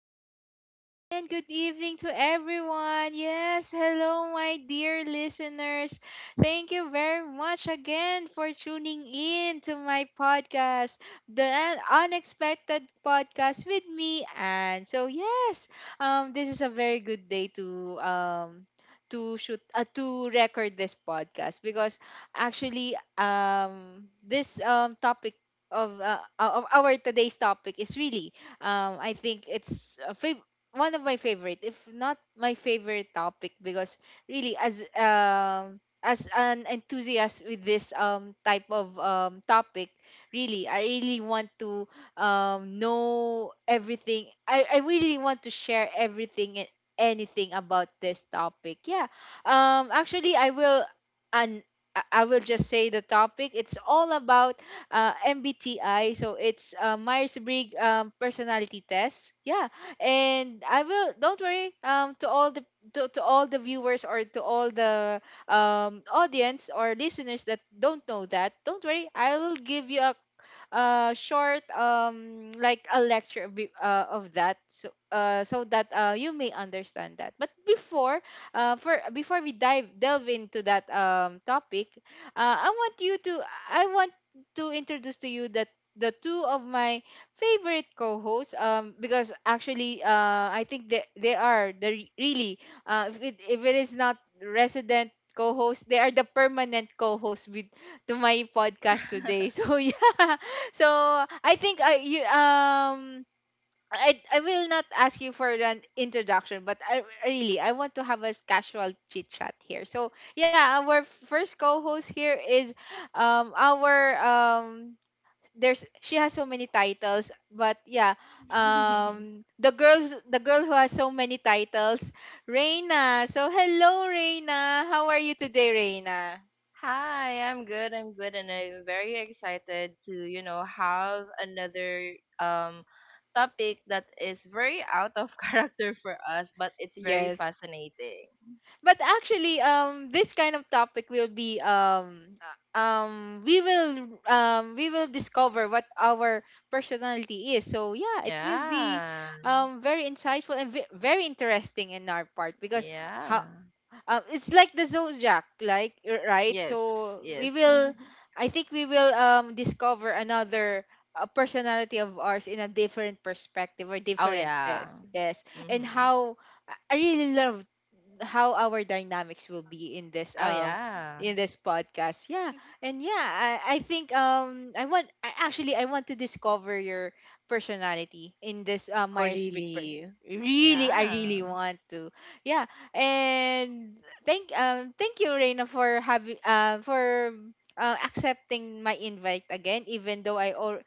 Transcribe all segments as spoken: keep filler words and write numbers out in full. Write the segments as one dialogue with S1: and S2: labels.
S1: good afternoon, and good evening to everyone. Yes, hello, my dear listeners. Thank you very much again for tuning in to my podcast, The Un- Unexpected Podcast with me. And so, yes, um, this is a very good day to um to shoot uh, to record this podcast because actually um this um topic of uh, uh, of our today's topic is really um I think it's a fav- one of my favorite if not my favorite topic because really as um as an enthusiast with this um type of um topic really I really want to um know everything. I I really want to share everything and anything about this topic, yeah. um actually I will and I I will just say the topic. It's all about uh, M B T I. So it's uh, Myers Briggs um, personality test. Yeah, and I will. Don't worry. Um, to all the to, to all the viewers or to all the um, audience or listeners that don't know that, don't worry. I will give you a uh short um like a lecture be- uh, of that, so uh so that uh you may understand that. But before uh for before we dive delve into that um topic, uh I want you to I want to introduce to you that the two of my favorite co-hosts, um because actually uh I think they they are the re- really, uh if it, if it is not resident co-host, they are the permanent co-host with to my podcast today. So yeah, so I think I you um I I will not ask you for an introduction, but I really I want to have a casual chit chat here. So yeah, our first co-host here is um our um there's, she has so many titles, but yeah, um the girls the girl who has so many titles, Reina. So hello, Reina. How are you today, Reina?
S2: Hi, I'm good. I'm good, and I'm very excited to, you know, have another um topic that is very out of character for us, but it's very
S1: Yes,
S2: fascinating.
S1: but actually um this kind of topic will be um uh, um we will um we will discover what our personality is. So yeah, it will be
S2: Yeah.
S1: um very insightful and ve- very interesting in our part because how,
S2: Yeah.
S1: um, it's like the zodiac, like, r- right?
S2: Yes.
S1: So
S2: Yes.
S1: we will,
S3: Mhm.
S1: I think we will um discover another, uh, personality of ours in a different perspective or
S2: Oh
S1: different
S2: yeah.
S1: test, yes. And
S2: Mm-hmm.
S1: how I I really love how our dynamics will be in this
S2: Oh
S1: um
S2: yeah.
S1: in this podcast, yeah. And yeah, i, I think um i want I, actually I want to discover your personality in this uh,
S3: Oh,
S1: Myers-Briggs person.
S3: really?
S1: Really, I
S2: Yeah.
S1: really want to, yeah. And thank um thank you, Reina, for having uh, for uh, accepting my invite again, even though i or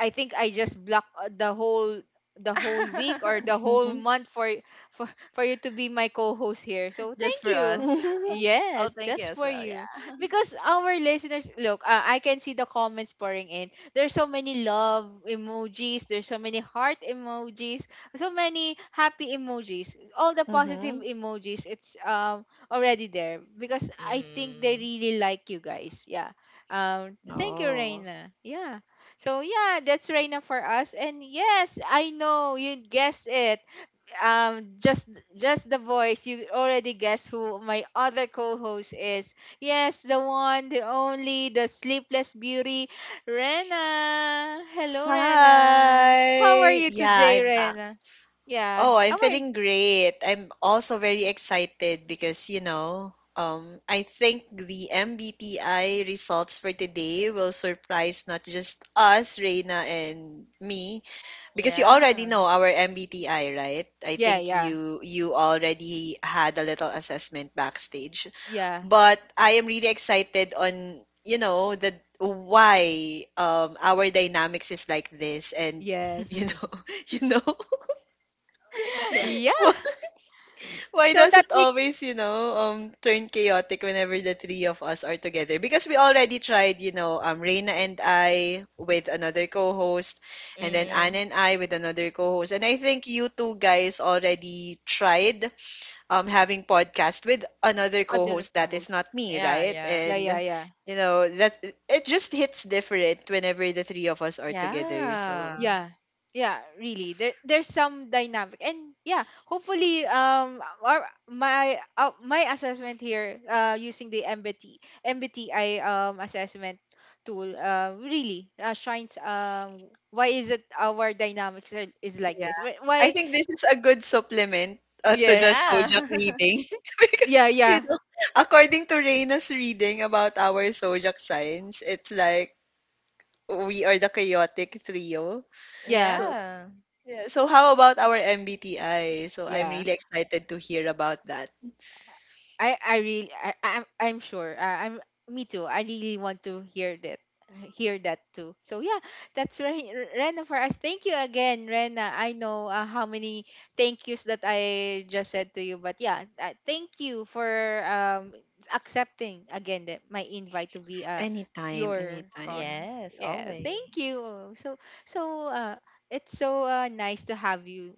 S1: I think I just blocked uh, the whole, the whole week or the whole
S3: Mhm.
S1: month for for for you to be my co-host here. So
S2: Just
S1: thank
S2: for us.
S1: you.
S3: Mhm.
S2: Oh,
S1: Yes,
S2: thank you
S1: just
S2: as
S1: for
S2: well.
S1: you.
S2: Yeah.
S1: Because our listeners, look, uh, I can see the comments pouring in. There's so many love emojis, there's so many heart emojis, so many happy emojis. All the positive
S3: Mhm.
S1: emojis, it's um already there because I think they
S2: Mm-hmm.
S1: really like you guys. Yeah. Um thank you,
S3: Oh.
S1: Reina. Yeah. So yeah, that's Reina for us. And yes, I know you guessed it, um just just the voice, you already guess who my other co-host is. Yes, the one, the only, the sleepless beauty, Rena. Hello, Rena. How are
S3: Hi.
S1: you
S3: Yeah,
S1: today,
S3: I'm back.
S1: Rena? Yeah,
S3: Oh, I'm
S1: how are you?
S3: feeling great. I'm also very excited because, you know, um, I think the M B T I results for today will surprise not just us, Reina and me, because you already
S2: Yeah.
S3: know our M B T I, right? I
S1: Yeah,
S3: think
S1: yeah,
S3: you you already had a little assessment backstage.
S1: yeah,
S3: But I am really excited on, you know, the why um our dynamics is like this and you
S1: yes.
S3: know, you know,
S1: Yeah,
S3: wh- why
S1: so
S3: does
S1: that
S3: it
S1: we,
S3: always, you know, um turn chaotic whenever the three of us are together? Because we already tried, you know, um Reina and I with another co-host and then
S2: yeah.
S3: Anne and I with another co-host. And I think you two guys already tried um having podcast with another
S1: other
S3: co-host that is
S1: co-host,
S3: not me,
S2: Yeah,
S3: right?
S2: yeah.
S1: yeah, yeah,
S3: And
S1: yeah.
S3: you know, that it just hits different whenever the three of us are together. So,
S2: Yeah.
S1: Yeah. Yeah, really. There, there's some dynamic. And yeah, hopefully um our, my uh, my assessment here uh using the M B T M B T I um assessment tool uh really, uh, shines um why is it our dynamics are- is like this?
S3: yeah.
S1: Wh-
S3: I
S1: Why?
S3: think this is a good supplement uh, to the
S1: Yes.
S2: Yeah.
S3: Sojak reading because
S1: Yeah,
S3: you
S1: yeah.
S3: know, according to Reina's reading about our Sojak signs, it's like we are the chaotic trio.
S1: Yeah.
S3: So,
S2: Yeah.
S3: yeah. So how about our M B T I? So I'm
S1: Yeah.
S3: really excited to hear about that.
S1: I I really, I I'm I'm sure. I, I'm, me too. I really want to hear that hear that too. So yeah, that's Re- Rena for us. Thank you again, Rena. I know uh, how many thank yous that I just said to you, but yeah, uh, thank you for um accepting again that my invite to be uh
S3: Anytime,
S1: your co.
S3: anytime.
S2: Yes,
S1: Yeah, thank
S2: always.
S1: you. So so uh it's so uh, nice to have you,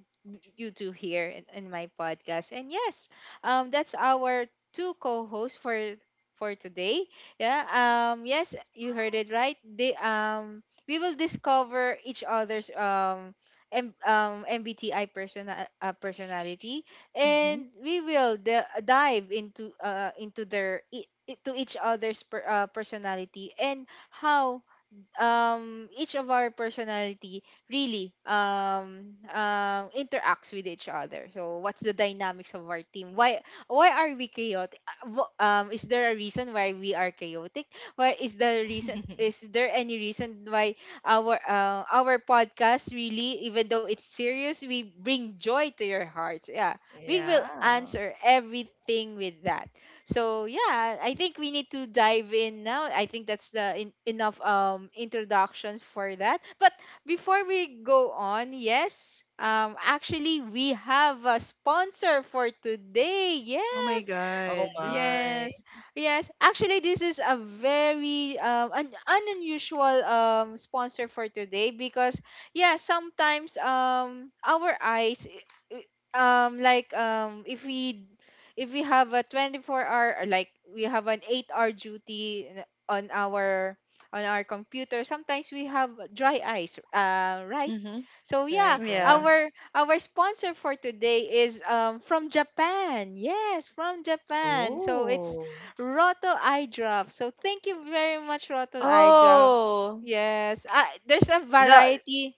S1: you two here in, in my podcast. And yes, um, that's our two co-hosts for for today. Yeah. Um. Yes, you heard it right. They um. We will discover each other's um. M- um, M B T I persona- uh, personality,
S3: Mm-hmm.
S1: and we will d- dive into uh into their i- i- to each other's per- uh, personality, and how um each of our personality really um um interacts with each other. So what's the dynamics of our team? why why are we chaotic? Uh, wh- um is there a reason why we are chaotic? Why is the reason Is there any reason why our uh, our podcast really, even though it's serious, we bring joy to your hearts, yeah, we will
S2: Yeah.
S1: answer everything with that. So yeah, I think we need to dive in now. I think that's the, in- enough um introductions for that. But before we go on, yes, um actually we have a sponsor for today.
S3: Oh my
S1: Yes,
S2: Oh
S3: god.
S2: my.
S1: yes, yes. Actually, this is a very um an, an unusual um sponsor for today, because yeah, sometimes um our eyes, i- i- um like, um if we, if we have a twenty-four hour, or like we have an eight hour duty in- on our, on our computer, sometimes we have dry eyes, uh, right?
S3: Mhm.
S1: So yeah,
S2: Right,
S3: Yeah.
S2: yeah.
S1: our our sponsor for today is um, from Japan. Yes, from Japan. So it's
S2: Oh.
S1: Roto Eye Drops. So thank you very much, Roto Eye Drops.
S3: Oh,
S1: Yes, uh, there's a
S3: the
S1: variety.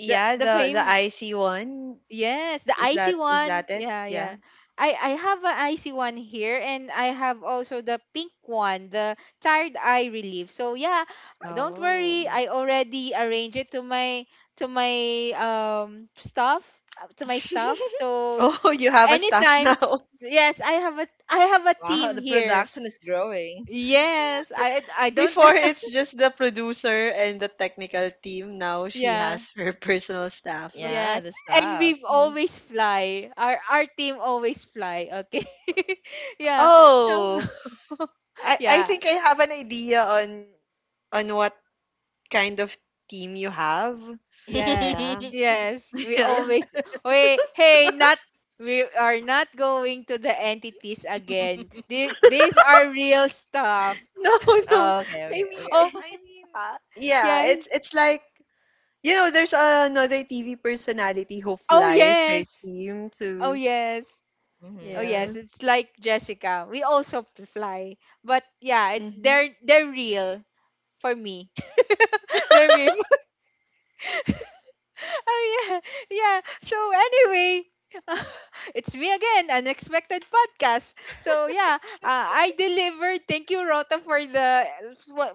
S1: The the
S3: the the
S1: fame.
S3: icy one.
S1: Yes, the
S3: Is
S1: icy
S3: that is
S1: one.
S3: that it?
S1: Yeah,
S3: Yeah.
S1: yeah. I I have an icy one here, and I have also the pink one, the tired eye relief. So yeah, don't worry.
S3: Oh.
S1: I already arranged it to my, to my um stuff, uh, to my stuff. So
S3: Oh, you
S1: uh,
S3: have a staff
S1: anytime,
S3: now.
S1: yes, I have a, I have a
S2: Wow,
S1: team
S2: the
S1: here.
S2: production is growing.
S1: Yes, I I don't.
S3: Before it's just the producer and the technical team. Now she
S1: Yeah.
S3: has her personal staff.
S2: Yeah,
S1: Yes,
S2: the
S1: and
S2: stuff.
S1: we've
S3: Yeah.
S1: always fly. Our our team always fly. Okay. Yeah. So
S3: Oh, I I
S1: yeah,
S3: think I have an idea on on what kind of team you have.
S1: yes,
S3: Yeah.
S1: yes. We
S3: Yeah.
S1: always wait. Hey, not, we are not going to the entities again. These, these are real stuff.
S3: No, no.
S2: Oh, okay,
S3: I
S2: okay,
S3: mean, uh,
S1: Oh,
S3: I
S2: okay.
S3: mean,
S1: uh,
S3: yeah.
S1: yeah.
S3: It's it's like you know, there's another T V personality who
S1: Oh
S3: flies her
S1: yes.
S3: team
S1: Oh
S3: to
S1: yes. Oh
S2: Hmm.
S3: yeah.
S1: yes. It's like Jessica. We also fly, but yeah, it,
S3: Mm-hmm.
S1: they're they're real. For me. They're made. Oh yeah, yeah. So anyway, it's me again, Unexpected Podcast. So yeah, uh, I delivered. Thank you, Rota, for the,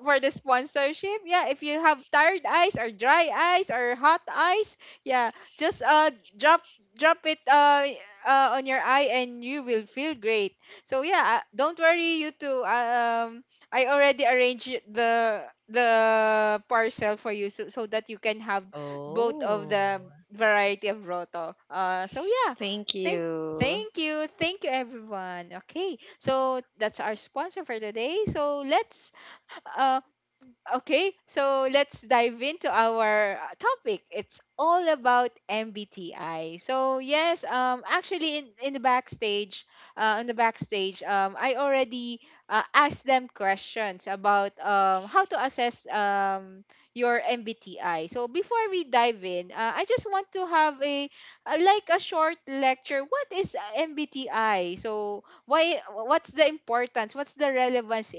S1: for the sponsorship. Yeah, if you have tired eyes or dry eyes or hot eyes, yeah, just uh drop drop it uh. Uh, on your eye, and you will feel great. So yeah, uh, don't worry, you two, um I already arranged the the parcel for you, so, so that you can have both of
S2: Oh.
S1: the variety of Roto. Uh, so yeah,
S3: Thank
S1: thank
S3: you.
S1: thank you, thank you everyone. Okay, so that's our sponsor for today. So let's, uh, okay, so let's dive into our uh, topic. It's all about M B T I. So yes, um, actually in, in the backstage, uh, on the backstage, um, I already uh, asked them questions about um, how to assess um, your M B T I. So before we dive in, uh, I just want to have a uh, like a short lecture. What is uh, M B T I? So why? What's the importance? What's the relevance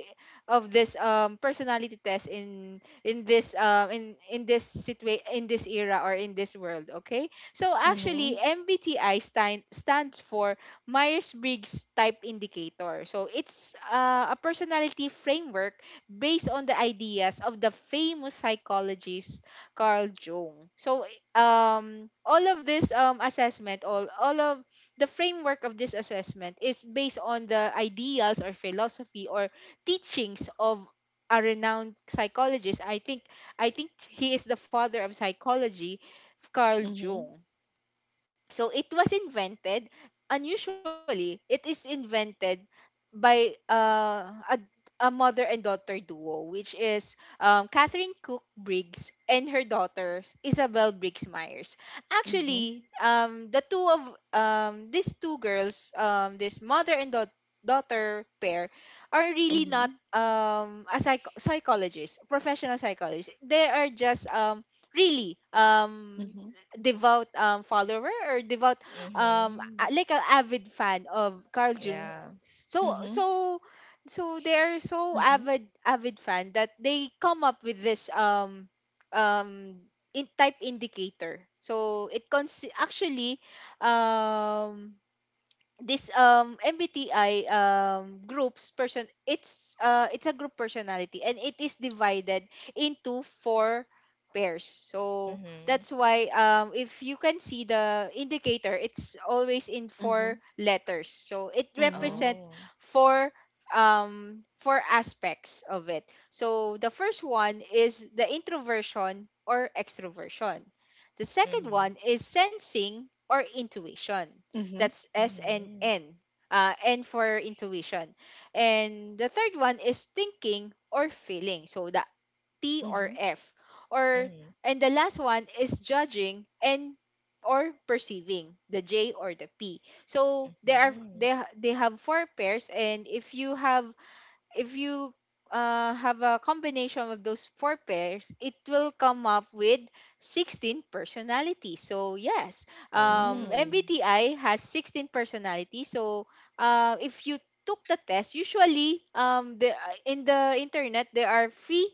S1: of this um personality test in in this um in in this situa- in this era or in this world? Okay, so actually
S3: Mm-hmm.
S1: M B T I stand, stands for Myers-Briggs type indicator. So it's uh, a personality framework based on the ideas of the famous psychologist Carl Jung. So um all of this um assessment, all all of the framework of this assessment is based on the ideals or philosophy or teachings of a renowned psychologist. I think I think he is the father of psychology, Carl
S3: Mm-hmm.
S1: Jung. So it was invented unusually. It is invented by uh, a, a mother and daughter duo, which is um, Catherine Cook Briggs and her daughter Isabel Briggs Myers.
S3: Mm-hmm.
S1: Actually, um, the two of um, these two girls, um, this mother and daugh- daughter pair, are really not
S3: Mm-hmm.
S1: um, a psych- psychologist, professional psychologist. They are just um, really um,
S3: Mm-hmm.
S1: devout um, follower or devout um
S2: Hmm.
S1: a- like an avid fan of Carl Jung.
S2: Yeah.
S1: So
S3: Mm-hmm.
S1: so so they're so
S3: Mm-hmm.
S1: avid avid fan that they come up with this um um in type indicator. So it cons actually um this um M B T I um groups person. It's uh it's a group personality, and it is divided into four pairs. So
S2: Hmm.
S1: that's why um if you can see the indicator, it's always in
S3: Mm-hmm.
S1: four letters. So it
S3: Mm-hmm.
S1: represent
S2: Oh.
S1: four um four aspects of it. So the first one is the introversion or extroversion. The second
S2: Mm-hmm.
S1: one is sensing or intuition.
S3: Mm-hmm.
S1: That's S and
S2: Mm-hmm.
S1: N. Uh, N for intuition. And the third one is thinking or feeling. So the T or
S3: Mm-hmm.
S1: F. Or
S2: Hmm.
S1: And the last one is judging and or perceiving, the J or the P. So there are
S2: Hmm.
S1: they ha- they have four pairs, and if you have if you uh, have a combination of those four pairs, it will come up with sixteen personalities. So yes, um,
S3: Mm.
S2: Oh.
S1: M B T I has sixteen personalities. So, uh, if you took the test, usually, um, the, uh, in the internet, there are free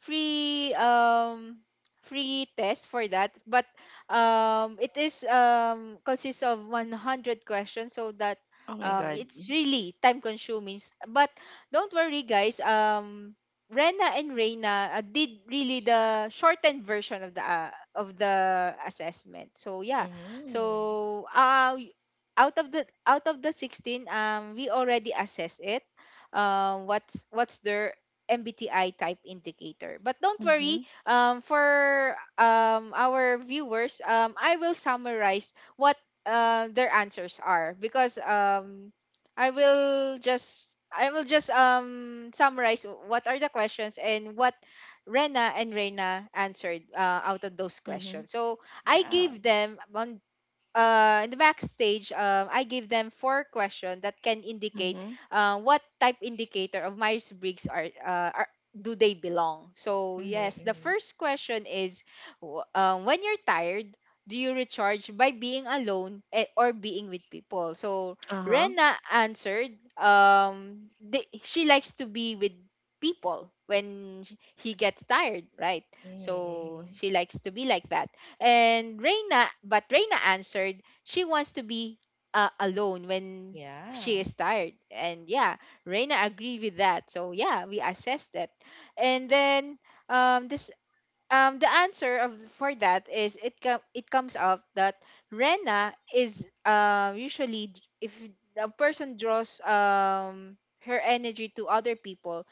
S1: free um free test for that. But um it is um consists of one hundred questions, so that
S3: Oh my
S1: um
S3: god.
S1: it's really time consuming. S- but don't worry, guys. um Rena and Reina uh, did really the shortened version of the uh, of the assessment, so yeah.
S2: Mm-hmm.
S1: So uh y- out of the out of the sixteen, um we already assessed it, um what's what's their M B T I type indicator. But don't worry,
S3: Mm-hmm.
S1: um, for um, our viewers, um, I will summarize what uh, their answers are, because um, I will just I will just um, summarize what are the questions and what Rena and Reyna answered, uh, out of those
S3: Mm-hmm.
S1: questions. So I
S2: Yeah.
S1: gave them on, uh, in the backstage, um, I gave them four questions that can indicate
S3: Mm-hmm.
S1: uh, what type indicator of Myers Briggs are, uh, are do they belong. So
S2: Mm-hmm.
S1: yes, the
S2: Mm-hmm.
S1: first question is, w- um, when you're tired, do you recharge by being alone, eh, or being with people? So
S3: Uh-huh.
S1: Rena answered, um, they, she likes to be with people when sh- he gets tired, right?
S2: Mm-hmm.
S1: So
S2: Mm-hmm.
S1: she likes to be like that. And Reina, but Reina answered she wants to be uh, alone when
S2: Yeah.
S1: she is tired. And yeah, Reina agreed with that. So yeah, we assessed that. And then, um, this um, the answer of for that is it com- it comes out that Reina is uh, usually d- if a person draws um her energy to other people,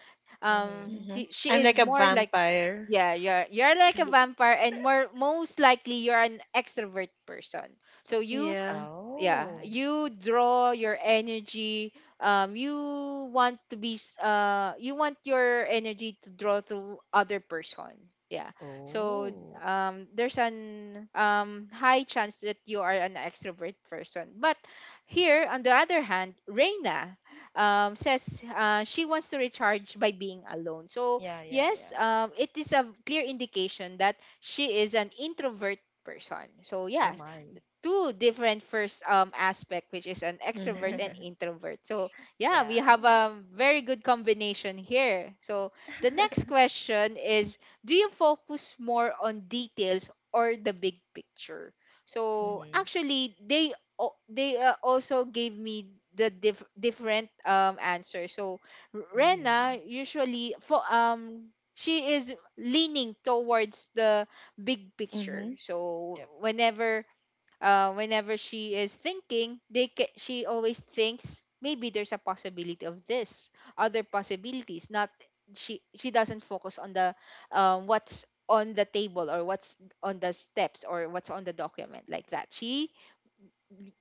S2: Mm-hmm.
S1: um
S3: Mm-hmm.
S1: she, she
S3: I'm
S1: is
S3: like a
S1: more like,
S3: vampire.
S1: yeah, you're you're like a
S3: Mm.
S1: vampire, and more most likely you're an extrovert person. So you,
S3: Yeah.
S1: yeah,
S2: Oh.
S1: you draw your energy, um you want to be s- uh you want your energy to draw to other person, yeah. So
S2: Oh.
S1: um there's an um high chance that you are an extrovert person. But here on the other hand, Reina, um says, uh, she wants to recharge by being alone. So
S2: Yeah, yeah,
S1: yes,
S2: yeah.
S1: um it is a clear indication that she is an introvert person, so yeah.
S2: Oh my.
S1: Two different first um aspect, which is an extrovert
S3: Mm-hmm.
S1: and introvert. So yeah, we
S2: Yeah.
S1: have a very good combination here. So the next question is, do you focus more on details or the big picture? So
S2: Mm-hmm.
S1: actually they, al- they uh, also gave me the diff- different um answer. So Rena
S2: Mm-hmm.
S1: usually for, um she is leaning towards the big picture.
S3: Mm-hmm.
S1: So
S2: Yep.
S1: whenever, uh, whenever she is thinking, they ca- she always thinks, maybe there's a possibility of this, other possibilities. Not, she she doesn't focus on the, um, what's on the table, or what's on the steps, or what's on the document, like that. She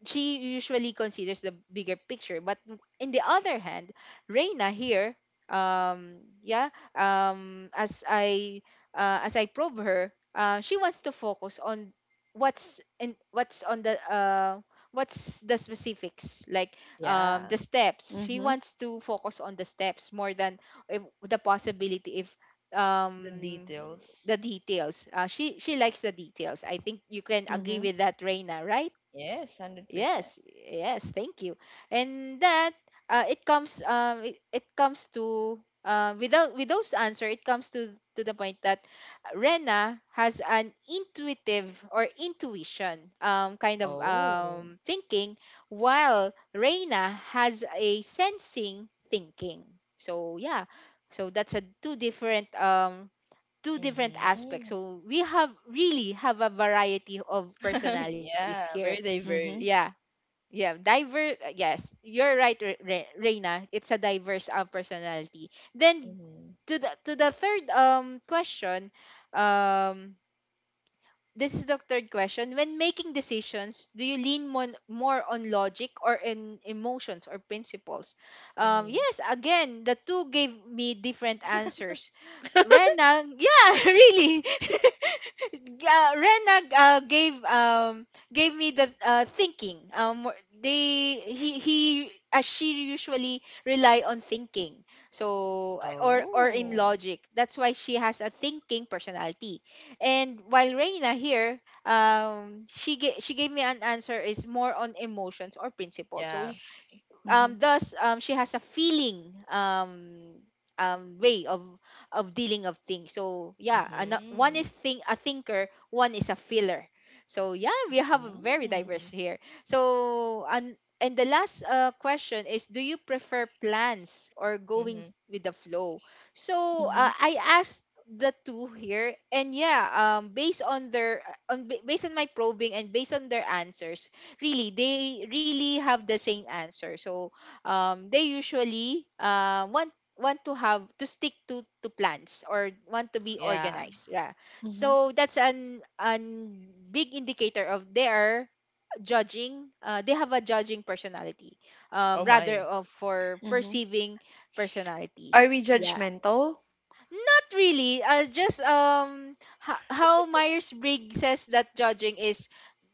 S1: she usually considers the bigger picture. But in the other hand, Reina here, um, yeah, um, as I uh, as I probe her, uh, she wants to focus on what's in what's on the uh, what's the specifics, like, um, the
S2: Yeah.
S1: steps. She
S3: Mm-hmm.
S1: wants to focus on the steps more than if, the possibility if,
S2: The
S1: um
S2: details.
S1: the details. uh, she she likes the details. I think you can agree
S3: Mhm.
S1: with that, Reina, right?
S2: Yes, one hundred percent.
S1: Yes, yes, thank you. And that, uh, it comes um it, it comes to, uh, without with those answer, it comes to to the point that Rena has an intuitive or intuition um kind of
S2: Oh.
S1: um thinking, while Reina has a sensing thinking. So yeah, so that's a two different um two different aspects.
S2: Mm-hmm.
S1: So we have really have a variety of personalities
S2: Yeah,
S1: here.
S2: very
S3: Mhm.
S1: Yeah.
S2: diverse.
S1: Yeah, diver. uh, Yes, you're right, Re- Re- Reina. It's a diverse uh, personality. Then
S2: Mm-hmm.
S1: to the to the third um question, um, this is the third question. When making decisions, do you lean more more on logic, or in emotions or principles? Um,
S2: Mm-hmm.
S1: yes, again, the two gave me different answers. Rena, yeah, really. uh, Rena uh, gave um gave me the uh, thinking. Um, wh- they he he As she usually rely on thinking. So I- or or in
S2: Oh.
S1: logic. That's why she has a thinking personality. And while Reina here, um, she gave she gave me an answer is more on emotions or principles. So
S2: Yeah.
S1: um
S3: Mhm.
S1: thus um she has a feeling, um um way of of dealing of things. So yeah, ano- one is
S2: Mhm.
S1: think a thinker, one is a feeler. So yeah, we have a very diverse
S2: Mm.
S1: here. So, and and the last uh, question is, do you prefer plans or going
S2: Mhm.
S1: with the flow? So uh,
S3: Mhm.
S1: I asked the two here, and yeah, um based on their, on ba- based on my probing and based on their answers, really they really have the same answer. So um, they usually uh, want want to have to stick to to plans, or want to be
S2: Yeah.
S1: organized, yeah.
S3: Mhm.
S1: So that's an an big indicator of they are judging. Uh, they have a judging personality, um,
S2: Oh
S1: rather
S2: my.
S1: of for
S3: Mhm.
S1: perceiving personality.
S3: Are we
S1: Yeah,
S3: judgmental?
S1: not really. Uh, just um h- how Myers-Briggs says that judging is,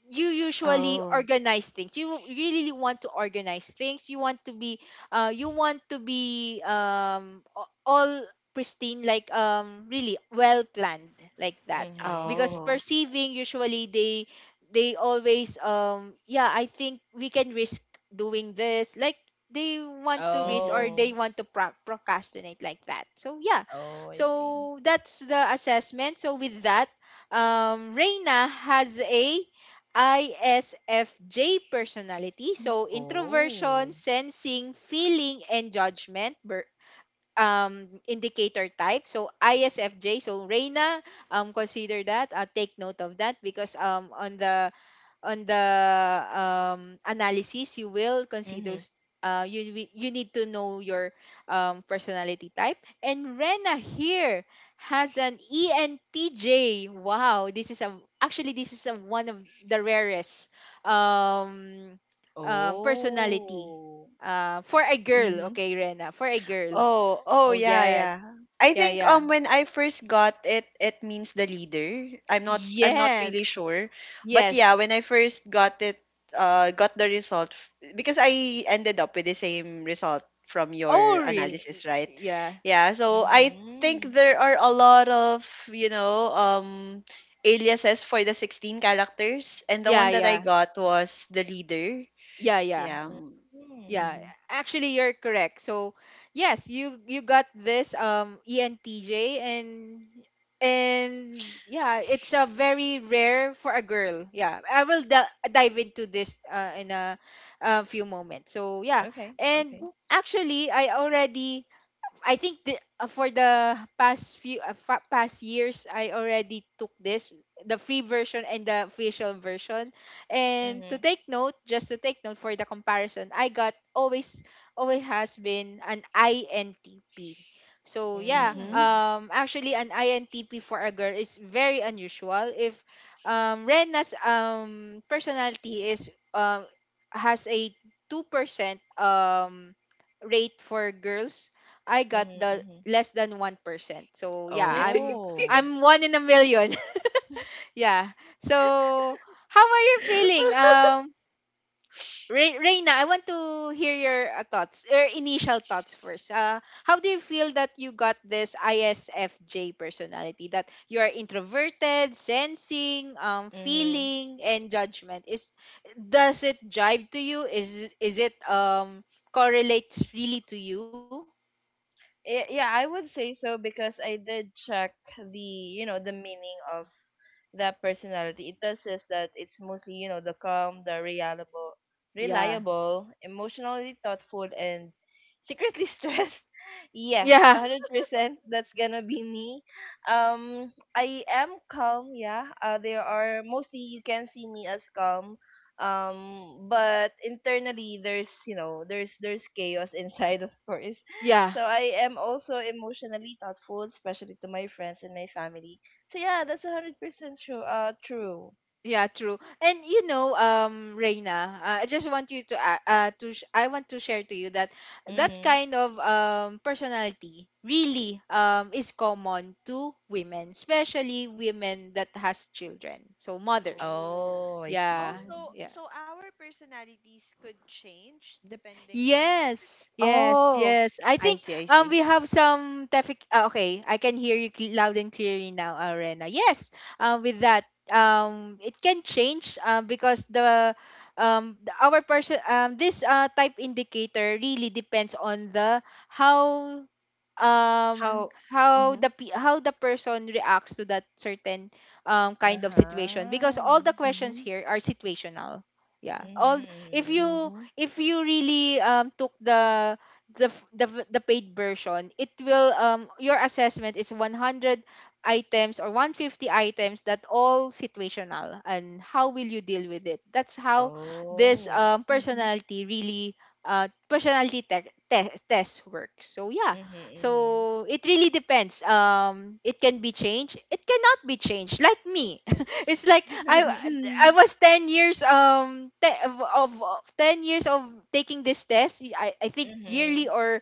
S1: you usually
S3: Oh.
S1: organize things, you really want to organize things, you want to be uh you want to be um a- all pristine, like, um really well planned, like that. Because
S2: Mhm.
S3: Oh.
S1: perceiving, usually they they always, um yeah, I think we can risk doing this, like, they want to risk, or
S3: Mhm.
S2: Oh.
S1: they want to pro- procrastinate, like that. So yeah,
S2: Oh, I see.
S1: so that's the assessment. So with that, um Reina has a I S F J personality. So, introversion,
S2: Oh.
S1: sensing, feeling, and judgment ber- um, indicator type. So, I S F J. So, Reina, um, consider that. Uh, take note of that, because um, on the, on the um, analysis, you will consider
S2: Mhm.
S1: s- uh, you wi- you need to know your um, personality type. And Rena here has an E N T J. Wow, this is a actually this is a, one of the rarest um, uh, personality,
S2: Oh.
S1: uh, for a girl.
S3: Mhm.
S1: Okay, Rena, for a girl.
S3: Oh, oh
S1: Oh
S3: yeah,
S1: yes,
S3: yeah. I
S1: yeah,
S3: think
S1: yeah,
S3: um when I first got it, it means the leader. I'm not I'm not really
S1: yes,
S3: sure. But
S1: yes.
S3: yeah, when I first got it, uh got the result f- because I ended up with the same result from your
S1: Oh
S3: analysis,
S1: really?
S3: right?
S1: Yeah,
S3: Yeah, so I think
S2: Mhm.
S3: there are a lot of, you know, um aliases for the sixteen characters and the
S1: yeah,
S3: one that I
S1: yeah,
S3: got was the leader.
S1: yeah, yeah.
S3: Yeah.
S1: Yeah,
S2: Mhm.
S3: Mm-hmm.
S1: actually you're correct. So yes, you you got this um E N T J, and and yeah, it's a very rare for a girl. Yeah, I will d- dive into this, uh, in a, a few moments. So, yeah.
S2: Okay.
S1: And
S2: Okay.
S3: Oops.
S1: actually I already, I think the, uh, for the past few, uh, fa- past years, I already took this the free version and the official version. And to
S2: Mhm.
S1: take note, just to take note, for the comparison, I got always always has been an I N T P. So yeah,
S3: Mm-hmm.
S2: Mm.
S1: um, actually an I N T P for a girl is very unusual. If um, Rena's um personality is um has a two percent um rate for girls. I got
S2: Mhm.
S1: the
S2: Mhm.
S1: less than one percent. So yeah, I'm
S2: Oh.
S1: I'm one in a million. Yeah. So how are you feeling? Um Re- Reina, I want to hear your uh, thoughts, your initial thoughts first. Uh, how do you feel that you got this I S F J personality? That you are introverted, sensing, um,
S2: Mhm.
S1: feeling, and judgment. Is Does it jive to you? Is is it um correlates really to you?
S2: Yeah, yeah, I would say so because I did check the, you know, the meaning of the personality. It does says that it's mostly, you know, the calm, the reliable,
S1: Yeah,
S2: reliable, emotionally thoughtful, and secretly stressed. Yes,
S1: yeah,
S2: one hundred percent that's gonna be me. Um, I am calm, yeah. Uh, there are mostly you can see me as calm. Um, but internally there's, you know, there's there's chaos inside, of course.
S1: yeah.
S2: So I am also emotionally thoughtful, especially to my friends and my family, so yeah, that's a hundred percent true. Uh, true.
S1: Yeah, true. And you know, um, Reina, uh, I just want you to, uh, uh to sh- I want to share to you that, that
S2: Mm-hmm.
S1: kind of um personality really um is common to women, especially women that has children, so mothers.
S3: Oh.
S2: Oh, I
S3: Oh,
S1: Yeah,
S2: see.
S3: so
S1: yeah.
S3: so our personalities could change depending on the circ-
S1: Yes, yes,
S3: Oh,
S1: yes. I
S3: I
S1: think
S3: see, I
S1: um we
S3: see.
S1: have some traffic. Uh, okay, I can hear you cl- loud and clearly now, uh, Rena. Yes, um with that, um it can change, um because the, um the- our person, um this uh type indicator really depends on the, how, um
S3: How
S1: how
S3: Mm-hmm.
S1: the pe- how the person reacts to that certain um kind of situation, because
S2: Uh-huh.
S1: all the questions
S3: Mm-hmm.
S1: here are situational, yeah, all. If you,
S2: Mm-hmm.
S1: if you really um took the, the f- the, v- the paid version, it will, um your assessment is one hundred items or one hundred fifty items, that all situational, and how will you deal with it, that's how this
S2: Oh.
S1: um
S3: Mm-hmm.
S1: personality really, uh personality te- te- test works. So yeah,
S2: Mm-hmm.
S1: so it really depends. Um, it can be changed, it cannot be changed. Like me, it's like I
S2: Mm-hmm.
S3: Mm-hmm.
S1: I was ten years, um te- of, of of ten years of taking this test. I I think yearly,
S2: Mm-hmm.
S1: or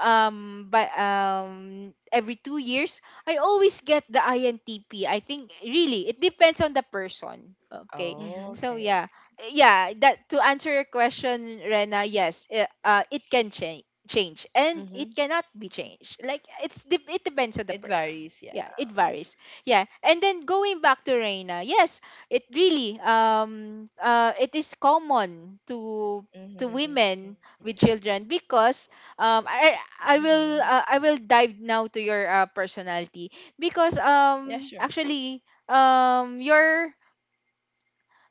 S1: um by um every two years, I always get the I N T P. I think really it depends on the person. Okay,
S2: Oh,
S3: Mm-hmm.
S1: so
S2: okay,
S1: yeah,
S2: okay.
S1: yeah, that to answer your question, Rena. Yes, it, uh, it can change change and it cannot be changed. Like it's de- it depends on the
S2: It
S1: person.
S2: varies, yeah.
S1: Yeah, it varies. Yeah, and then going back to Reina, yes, it really um uh it is common to to
S2: Mm-hmm.
S1: women with children because um i i
S2: Mm-hmm.
S1: will uh, I will dive now to your uh, personality, because
S2: Yeah,
S1: um
S2: sure.
S1: actually um your—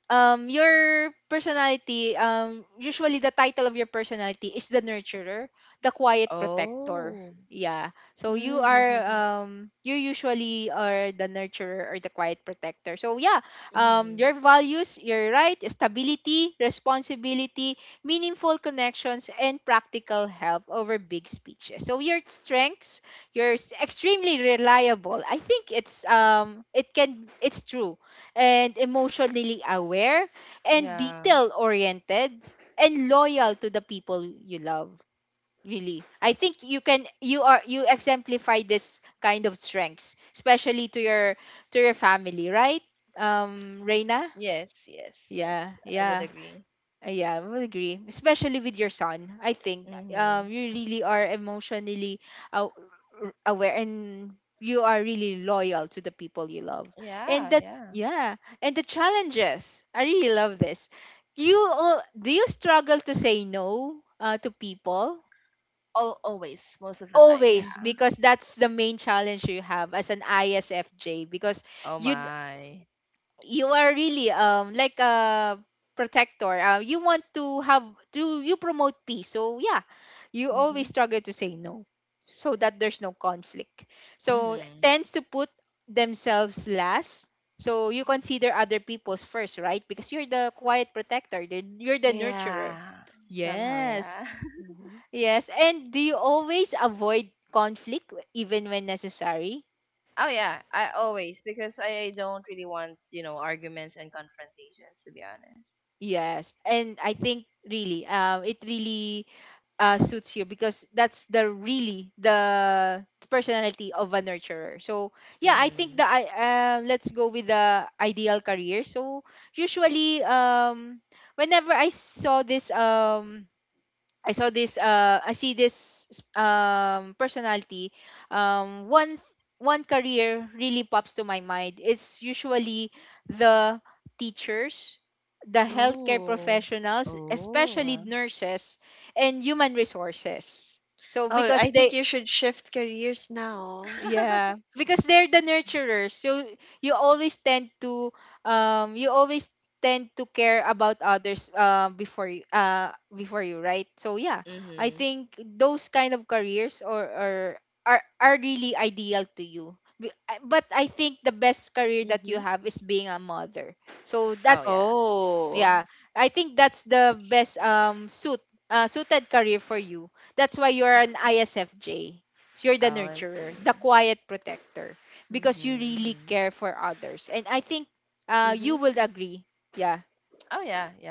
S1: um your personality, um usually the title of your personality is the nurturer, the quiet protector. Yeah, so you are
S3: Mm-hmm.
S1: um you usually are the nurturer or the quiet protector. So yeah, um your values, you're right: stability, responsibility, meaningful connections, and practical help over big speeches. So your strengths: you're s- extremely reliable. I think it's um it can it's true. And emotionally aware, and detail oriented, and loyal to the people you love. Really, I think you can you are you exemplify this kind of strengths, especially to your to your family, right? Um reina. Yeah, yeah. uh, Yeah, I will agree. Especially with your son, I think um you really are emotionally aw- r- aware, and you are really loyal to the people you love. And that, yeah, and the challenges. I really love this. You al- do you struggle to say no uh, to people?
S3: Mm-hmm. Mm-hmm.
S1: Always,
S3: Mm-hmm.
S1: because that's the main challenge you have as an I S F J. Because you you are really um like a protector. Uh, you want to have to you promote peace. So yeah, you always
S3: Mm-hmm.
S1: struggle to say no so that there's no conflict. So tends to put themselves last. So you consider other people's first, right? Because you're the quiet protector. the- You're the nurturer. Yes.
S3: Mm-hmm.
S1: Yes. And do you always avoid conflict w- even when necessary? Yes. And I think really, um, it really uh, suits you because that's the really the personality of a nurturer. So yeah, I think the I uh, let's go with the ideal career. So usually um whenever I saw this um I saw this uh I see this um personality, um one one career really pops to my mind. It's usually the teachers, the healthcare
S3: Oh.
S1: professionals, especially nurses, and human resources. So
S3: Oh,
S1: because
S3: I think
S1: they—
S3: you should shift careers now.
S1: yeah, because they're the nurturers. So you always tend to um you always tend to care about others, uh, before you uh before you, right? So yeah, I think those kind of careers or or are are really ideal to you. Be- I- But I think the best career that you
S3: Mm-hmm.
S1: have is being a mother. So that's—
S3: Oh.
S1: yeah, I think that's the best um suit— uh, suited career for you. That's why you're an
S3: Mm-hmm.
S1: ISFJ. So you're the nurturer, the quiet protector, because you really care for others. And I think uh, you
S3: Mm-hmm.
S1: will agree. Yeah.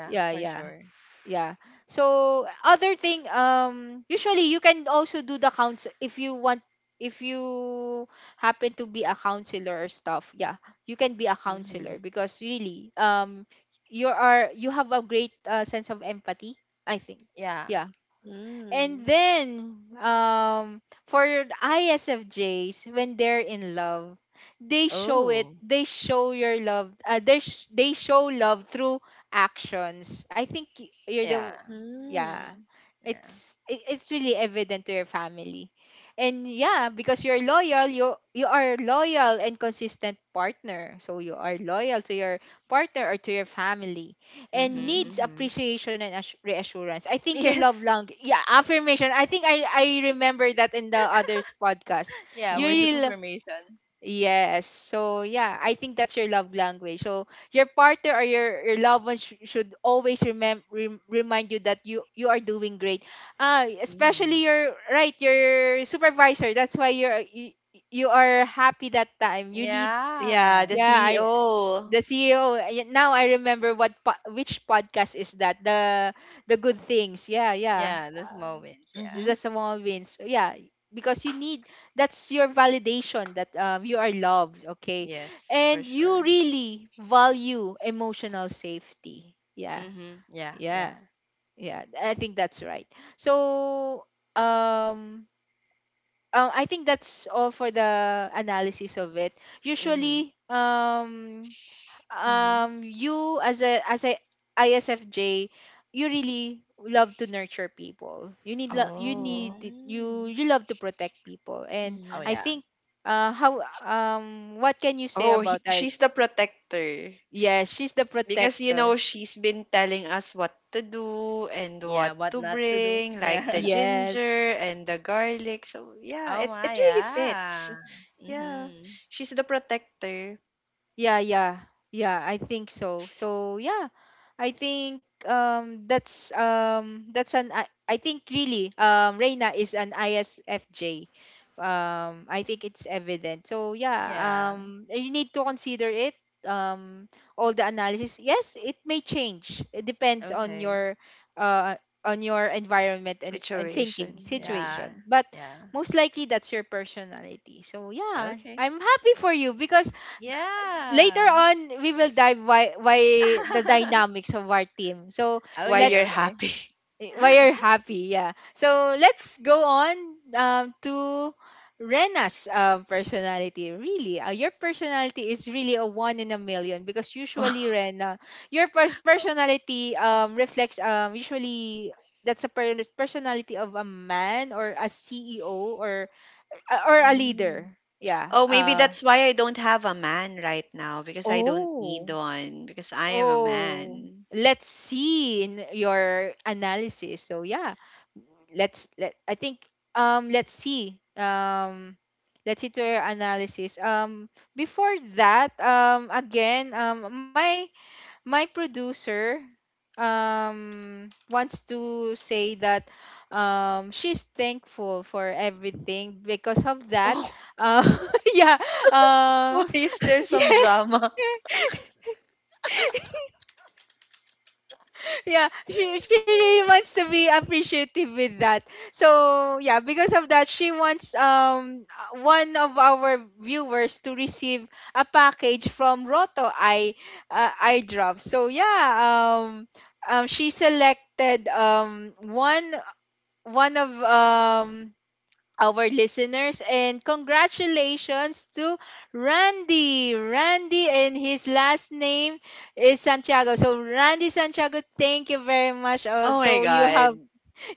S1: Yeah, yeah. Yeah. So other thing, um, usually you can also do the counts if you want. If you happen to be a counselor or stuff, yeah, you can be a counselor because really, um, you are you have a great uh, sense of empathy. I think, yeah. And then um for your I S F Js when they're in love, they show it they show your love uh, they sh- they show love through actions. I think y- you're the— yeah. It's it, it's really evident to your family. And yeah, because you're loyal, you you are loyal and consistent partner. So you are loyal to your partner or to your family, and
S3: Mm-hmm.
S1: needs appreciation and assu- reassurance. I think your love language, yeah, affirmation. I think I I remember that in the others podcast. Your
S3: Mm-hmm.
S1: real— yes. So yeah, I think that's your love language. So your partner or your your loved one sh- should always remember rem- remind you that you you are doing great. Uh, especially your right your supervisor. That's why you're you, you are happy that time. You need—
S3: Yeah, the
S1: yeah, I—
S3: C E O.
S1: the C E O. y- Now I remember what po- which podcast is that. The the good things. Yeah, yeah. Um,
S3: Mm-hmm.
S1: the small wins. Yeah, because you need— that's your validation that, um, you are loved. Okay, and you really value emotional safety. Yeah, yeah, yeah. I think that's right. So um. Um, I think that's all for the analysis of it. Usually, um,
S3: Mm-hmm.
S1: um you as a as a I S F J, you really love to nurture people. You need lo- you need
S3: Oh,
S1: to- you you love to protect people. And I
S3: mhm.
S1: think uh how um what can you say
S3: Oh, he,
S1: about that?
S3: she's the protector.
S1: Yes, she's the
S3: Because, you know,
S1: protector.
S3: she's been telling us what to do and what to bring, like the
S1: Yes.
S3: ginger and the garlic. So, yeah, it, it really fits. Yeah. She's the protector
S1: Yeah, yeah, yeah. I think so. So yeah, I think um that's— um that's an I— I think really um Reina is an I S F J. Um, I think it's evident. So yeah, um, you need to consider it. Um, all the analysis. Yes, it may change. It depends on your uh on your environment and s- and thinking
S3: situation. Yeah.
S1: situation, but most likely that's your personality. So yeah, I'm happy for you because later on we will dive why why the dynamics of our team. So
S3: Why you're
S1: let's—
S3: happy.
S1: why you're happy, yeah. So let's go on, um, to Rena's um, personality. Really, uh, your personality is really a one in a million, because
S3: Wow.
S1: usually rena your pers- personality, um, reflects, um, usually that's a per- personality of a man or a CEO or, uh, or a leader.
S3: Mm.
S1: Yeah,
S3: Oh, maybe
S1: uh.
S3: that's why I don't have a man right now because I don't need
S1: Oh.
S3: one because I am a
S1: Oh,
S3: man.
S1: let's see in your analysis. So yeah, let's let I think, um let's see. Um let's see to your analysis. Um, before that, um, again, um, my my producer, um, wants to say that, um, she's thankful for everything because of that.
S3: Oh,
S1: Uh, yeah.
S3: why
S1: Um
S3: is there some
S1: yeah.
S3: drama?
S1: Yeah, she, she really wants to be appreciative with that. So yeah, because of that, she wants um uh, one of our viewers to receive a package from Roto Eye, uh, Eye Drop. So yeah, um, um, she selected, um, one one of, um, our listeners, and congratulations to Randy. Randy, and his last name is Santiago. So Randy Santiago, thank you very much.
S3: Oh my
S1: Also, you
S3: god.
S1: have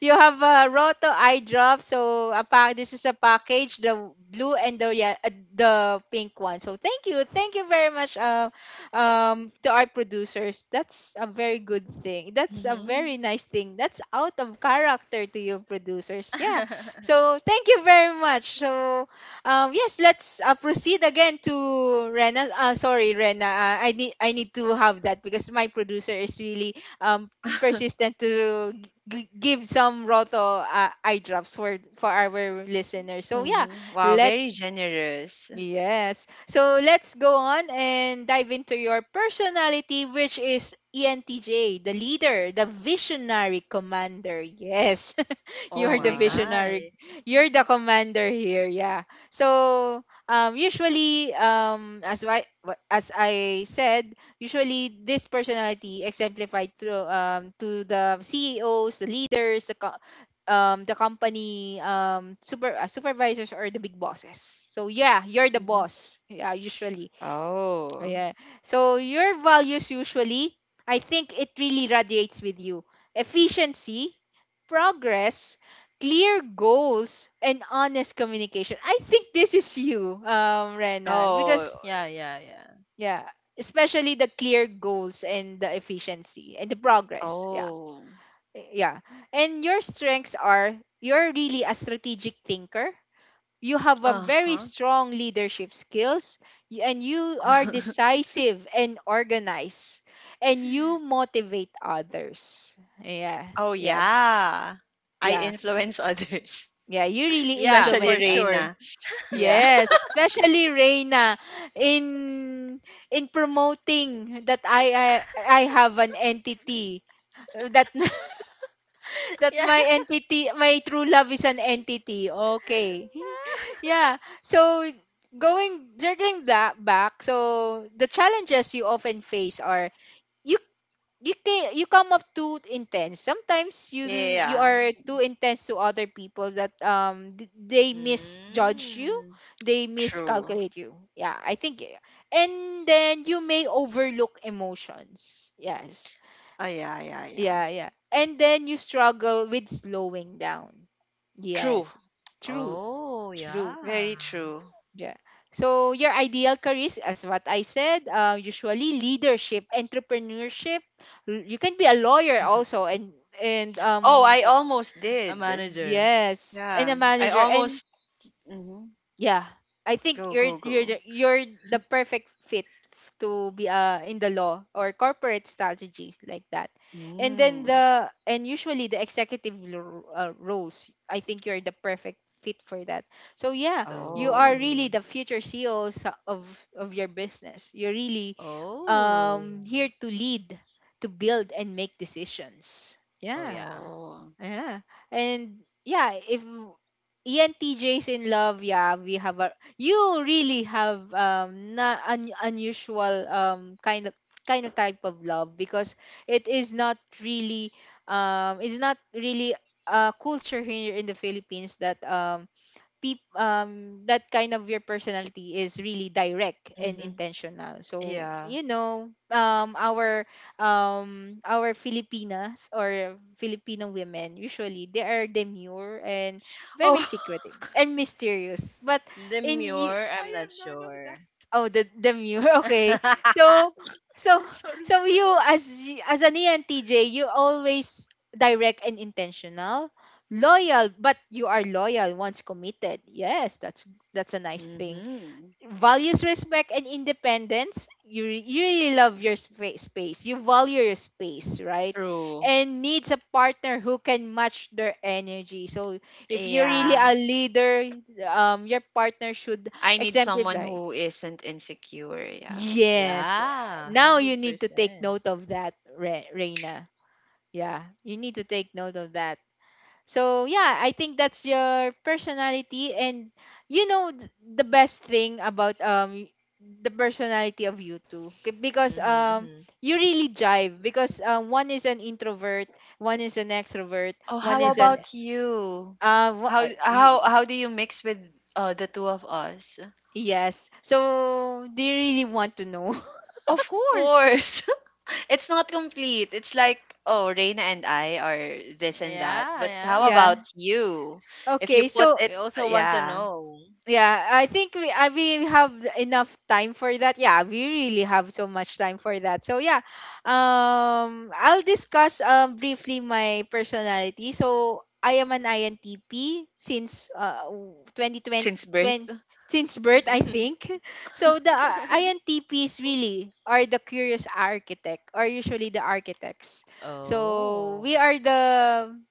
S1: you have a Roto eye drop. So a pack. This is a package. The blue and the yeah, uh, the pink one. So thank you, thank you very much. Uh, um, to our producers, that's a very good thing.
S3: Mhm.
S1: That's a
S3: Mhm.
S1: very nice thing. That's out of character to you producers. Yeah. So thank you very much. So um, yes, let's uh, proceed again to Rena. Uh, sorry, Rena. Uh, I need I need to have that because my producer is really um persistent to g- give some Roto uh, eye drops for for our listeners. So yeah,
S3: Wow,
S1: let's—
S3: very generous.
S1: yes. So let's go on and dive into your personality, which is E N T J, the leader, the visionary commander. Yes.
S3: Oh
S1: You're the
S3: my god.
S1: visionary, you're the commander here. Yeah. So um usually um as I as I said, usually this personality exemplified through, um to the C E Os, the leaders, the co- um the company, um super uh, supervisors, or the big bosses. So yeah, you're the
S3: Mhm.
S1: boss. Yeah, usually. Oh,
S3: Oh.
S1: yeah. So your values usually, I think it really radiates with you. Efficiency, progress, clear goals, and honest communication. I think this is you, um, Rena,
S3: Oh.
S1: because yeah, especially the clear goals and the efficiency and the progress. Yeah.
S3: Oh.
S1: Eh, yeah. And your strengths are: you're really a strategic thinker, you have a very
S3: Uh-huh.
S1: strong leadership skills, y- and you are decisive and organized, and you motivate others. Yeah.
S3: oh
S1: Yeah.
S3: yeah. I
S1: Yeah.
S3: influence others.
S1: Yeah, you really
S3: Especially
S1: influence, uh,
S3: Reina. Yeah.
S1: yes, especially Reina. in in promoting that, i i, I have an entity, uh, that that my entity, my true love is an entity. Okay. yeah. So going circling back, back. So the challenges you often face are you you can— you come up too intense. Sometimes you do- you
S3: Yeah.
S1: are too intense to other people that um th- they misjudge you, they
S3: True.
S1: miscalculate you. Yeah, I think. Yeah. And then you may overlook emotions. Yes.
S3: Oh yeah, yeah, yeah.
S1: Yeah, yeah. And then you struggle with slowing down.
S3: True.
S1: Yes, true, true.
S3: Very true.
S1: Yeah. So your ideal careers, as what I said, uh, usually leadership, entrepreneurship. l- You can be a lawyer also, and and
S3: Oh,
S1: um
S3: I
S1: y-
S3: almost did.
S1: yes, and a
S3: Yeah. I
S1: manager, and—
S3: almost Mhm.
S1: yeah, I think
S3: go
S1: you're
S3: go
S1: you're the,
S3: go.
S1: you're the perfect fit f- to be uh in the law or corporate strategy like that. And then
S3: Mm.
S1: the and usually the executive lo- uh, roles, I think you're the perfect fit for that. So yeah, you are
S3: Oh,
S1: really the future C E O, sa- of of your business. You're really um here to lead, to build and make decisions. Yeah.
S3: oh.
S1: Yeah. And yeah, if E N T Js in love, yeah, we have a— you really have um not un, unusual um kind of kind of type of love, because it is not really um it's not really a culture here in the Philippines that um peop- um that kind of. Your personality is really direct and
S3: Mhm.
S1: intentional. So
S3: Yeah.
S1: you know, um, our um our Filipinas or Filipino women, usually they are demure and
S3: Oh,
S1: very secretive and mysterious, but in y-
S3: I am none of that.
S1: oh, the the mirror. Okay. So so
S3: Sorry.
S1: so you as y- as an E N T J, you're always direct and intentional, loyal, but you are loyal once committed. Yes, that's that's a nice thing.
S3: Mm-hmm.
S1: Values respect and independence. You, re- you really love your spa- space. You value your space, right?
S3: True.
S1: And needs a partner who can match their energy. So if you're really
S3: Yeah.
S1: a leader, um, your partner should
S3: I need someone
S1: exemplify.
S3: who isn't insecure. Yeah.
S1: Yes. uh, Now you need to take note of that, Re- Reina. Yeah, you need to take note of that. So, yeah, I think that's your personality, and you know th- the best thing about um the personality of you two K- because um you really jive because um, one is an introvert, one is an extrovert,
S3: Oh,
S1: one
S3: how
S1: is an
S3: about you?
S1: uh wha-
S3: How
S1: uh,
S3: how
S1: y- y-
S3: how do you mix with uh, the two of us?
S1: yes. So, they really want to know?
S3: Of course. it's not complete. It's like, oh, Reina and I are this and that. But how
S1: Yeah.
S3: about you? If you
S1: Okay,
S3: put
S1: so.
S3: it, uh, yeah,
S1: Yeah, I think we uh, we have enough time for that. Yeah, we really have so much time for that. So yeah, um, I'll discuss um briefly my personality. So I am an I N T P since uh twenty twenty,
S3: since birth.
S1: since birth I think. So the uh, I N T Ps really are the curious architect, or usually the architects. So we are the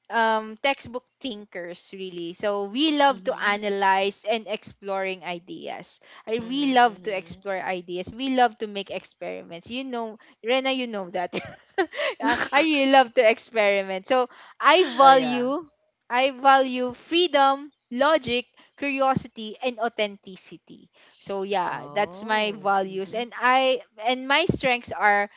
S1: um, textbook thinkers, really. So we love to
S3: Mhm.
S1: analyze and exploring ideas. I we love to explore ideas. We love to make experiments. You know, Rena, you know that. Uh, I
S3: Mhm.
S1: really love to experiment. So I value, I value freedom, logic, curiosity, and authenticity. So yeah, that's my values, and I and my strengths are,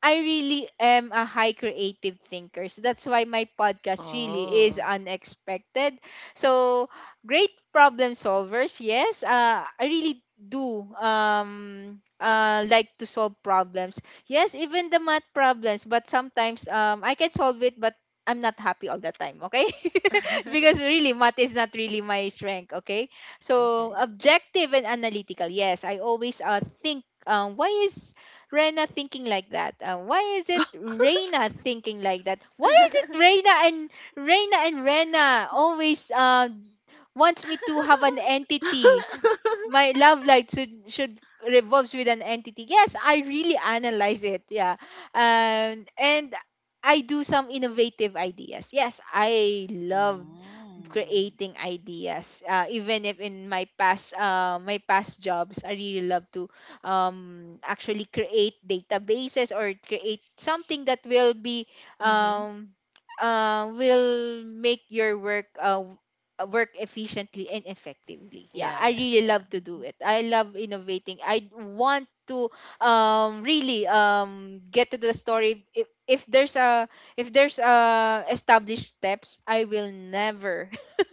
S1: I really am a high creative thinker. So that's why my podcast really is
S3: Oh.
S1: unexpected. So great problem solvers, yes. Uh, I really do um uh like to solve problems. Yes, even the math problems, but sometimes um I can solve it, but I'm not happy all the time, okay? Because really math is not really my strength, okay? So objective and analytical. Yes, I always uh think um why is Rena thinking like that? Uh, why is it Reina thinking like that? Why is it Reina and Reina and Rena always uh, wants me to have an entity? My love life should should revolves with an entity. Yes, I really analyze it. Yeah. Um, and I do some innovative ideas. Yes, I love creating ideas. Uh, even if in my past uh, my past jobs, I really love to um, actually create databases, or create something that will be
S3: Mhm.
S1: um, uh, will make your work uh, uh, work efficiently and effectively. Yeah, I really love to do
S3: Mhm.
S1: it. I love innovating. I want to um really um get to the story. If if there's a, if there's a established steps, I will never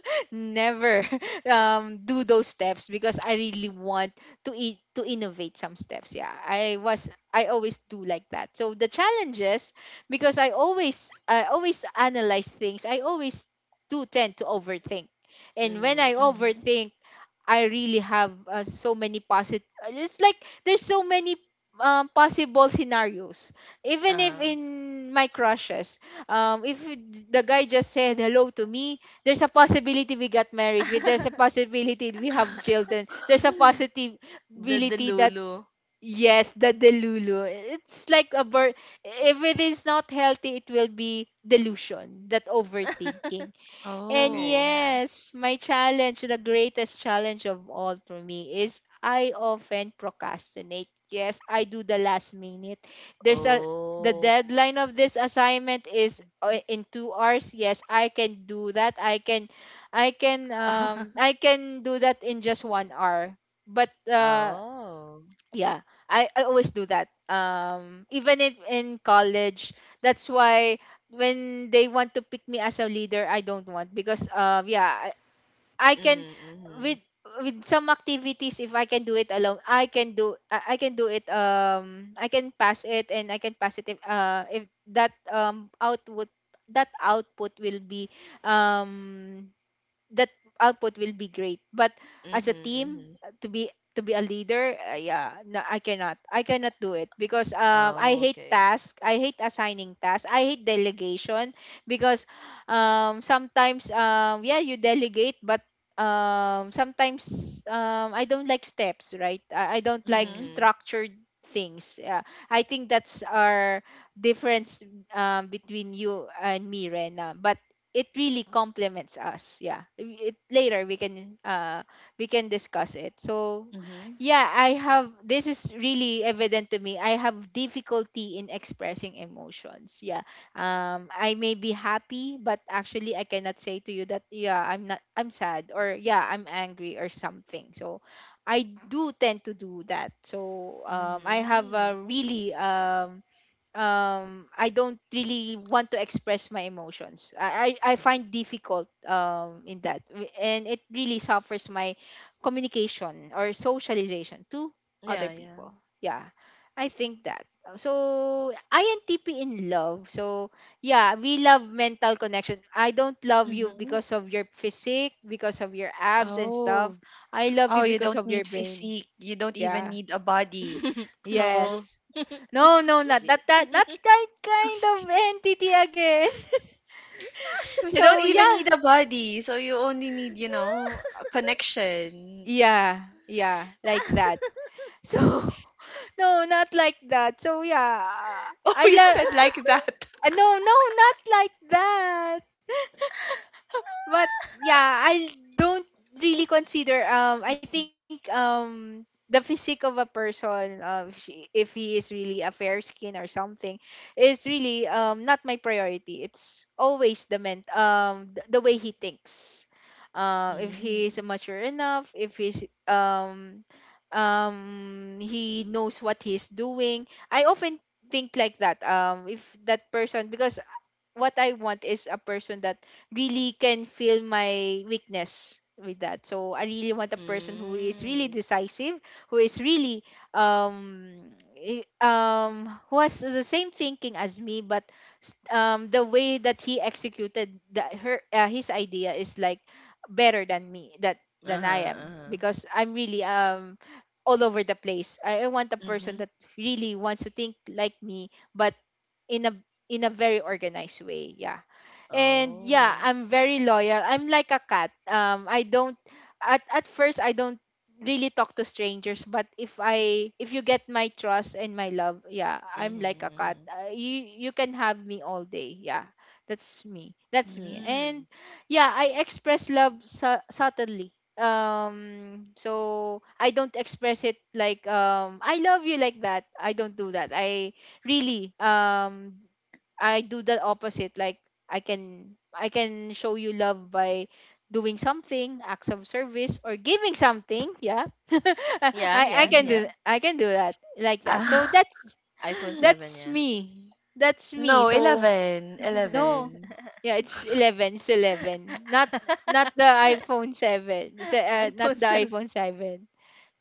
S1: never um do those steps, because I really want to eat to innovate some steps. Yeah, I was I always do like that. So the challenges, because I always I always analyze things. I always do tend to overthink. And when I
S3: Mhm.
S1: overthink, I really have uh, so many positive. It's like there's so many um, possible scenarios. Even if in my crushes, um, if the guy just said hello to me, there's a possibility we got married. with- There's a possibility we have children. There's a possibility that, yes, the delulu. It's like a bird. If it is not healthy, it will be delusion. That overthinking. And
S3: Oh.
S1: yes, my challenge, the greatest challenge of all for me, is I often procrastinate. Yes, I do the last minute. There's a the deadline of this assignment is uh, in two hours. Yes, I can do that. I can I can um I can do that in just one hour. But uh yeah, i i always do that, um even if in college. That's why when they want to pick me as a leader, I don't want, because um yeah, i, I can, with with some activities, if I can do it alone I can do, i, I can do it, um I can pass it, and I can pass it if uh if that um output, that output will be um that output will be great. But as a team, uh, to be, to be a leader, uh, yeah, no, i cannot i cannot do it, because um I hate task, I hate assigning tasks, I hate delegation. Because um sometimes, um yeah, you delegate, but um sometimes, um I don't like steps, right? i, I don't like
S3: Mhm.
S1: structured things, yeah. I think that's our difference, um, between you and me, Rena. But it really complements us, yeah. It, later we can uh we can discuss it. So
S3: Mhm.
S1: yeah, I have, this is really evident to me, I have difficulty in expressing emotions, yeah. Um, I may be happy but actually I cannot say to you that, yeah I'm not, I'm sad, or yeah I'm angry, or something. So I do tend to do that. So um I have a really um um I don't really want to express my emotions. I I, I find difficult um in that. W- and it really suffers my communication or socialization to other people. Yeah. I think that. So I N T P in love. So yeah, we love mental connection. I don't love you
S3: Mhm.
S1: because of your physique, because of your abs and stuff.
S3: Oh.
S1: I love you
S3: Oh, you
S1: because
S3: don't
S1: of your
S3: need
S1: brain.
S3: physique. You don't even
S1: Yeah.
S3: need a body. So
S1: Yes. No, no, not that,
S3: y-
S1: that not that kind of entity again.
S3: you don't
S1: So
S3: even
S1: yeah,
S3: need a body. So you only need, you know, a connection.
S1: yeah, yeah, like that. So no, not like that. So yeah,
S3: Oh,
S1: I
S3: you
S1: love.
S3: said like that.
S1: No, no, not like that. But yeah, I don't really consider um I think um the physique of a person, um if, she, if he is really a fair skin or something, is really um not my priority. It's always the ment um th- the way he thinks. Uh, if he is
S3: Mm.
S1: mature enough, if he's um um he knows what he's doing. I often think like that, um if that person, because what I want is a person that really can feel my weakness with that. So I really want a person who is really decisive, who is really um i- um who has the same thinking as me, but s- um the way that he executed the, her uh, his idea is like better than me, that than I am, because I'm really um all over the place. I, I want a person
S3: Mhm.
S1: that really wants to think like me, but in a, in a very organized way, yeah. And yeah, I'm very loyal, I'm like a cat, um I don't, at at first I don't really talk to strangers, but if I, if you get my trust and my love, yeah, I'm like a cat, uh, you you can have me all day, yeah. That's me that's me. And
S3: Mm.
S1: yeah, I express love su- subtly, um so I don't express it like, um I love you, like that, I don't do that. I really um I do the opposite. Like I can I can show you love by doing something, acts of service, or giving something. Yeah, I I can
S3: Mhm.
S1: do I can do that, like that. So
S3: Ah.
S1: that's that's me. That's me.
S3: No,
S1: So
S3: eleven,
S1: no,
S3: eleven.
S1: yeah, it's eleven. It's eleven. Not, not the iPhone seven. Se- uh, not the iPhone seven,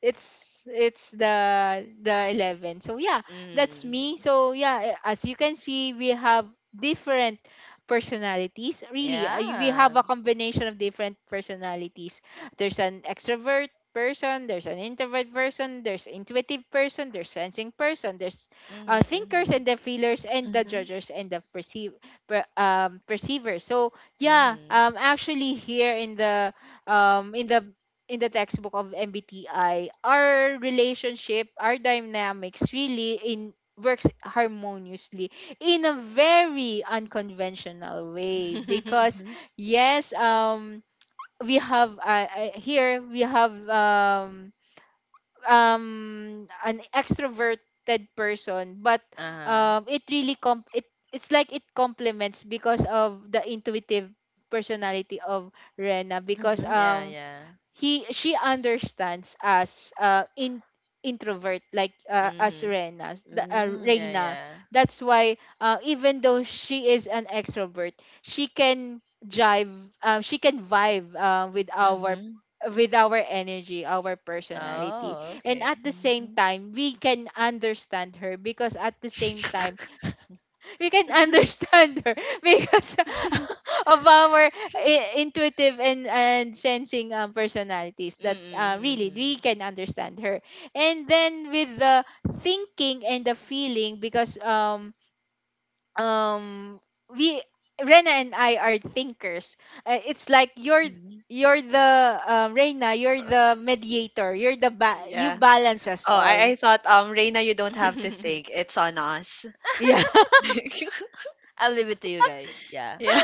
S1: it's it's the the eleven. So yeah, that's me. So yeah, eh, as you can see, we have different personalities, really. Uh, we have a combination of different personalities. There's an extrovert person, there's an introvert person, there's intuitive person, there's sensing person, there's uh, thinkers, and the feelers, and the
S3: Mhm,
S1: judgers, and the perceive per, um, perceivers. So yeah, um actually here in the um in the in the textbook of M B T I, our relationship, our dynamics really in works harmoniously in a very unconventional way. Because
S3: mhm,
S1: yes, um we have uh, uh, here we have um um an extroverted person, but um it really com it it's like it complements because of the intuitive personality of Rena, because
S3: mhm,
S1: um he she understands us, uh in introvert, like uh, as Rena the, uh,
S3: mm,
S1: Reina. That's why, uh, even though she is an extrovert, she can jive, uh, she can vibe, uh, with our,
S3: mhm,
S1: with our energy, our personality. And at the same
S3: mhm,
S1: time we can understand her, because at the same time we can understand her because of our i- intuitive and and sensing um, personalities, that uh, really we can understand her. And then with the thinking and the feeling, because um um we Rena and I are thinkers. Uh, it's like you're
S3: mhm.
S1: you're the um, Reina, you're
S3: Uh,
S1: the mediator. You're the ba- you
S3: yeah.
S1: balance us
S3: Oh, I, I
S1: all.
S3: thought, um, Reina, you don't have to think. It's on us.
S1: Yeah.
S3: yeah.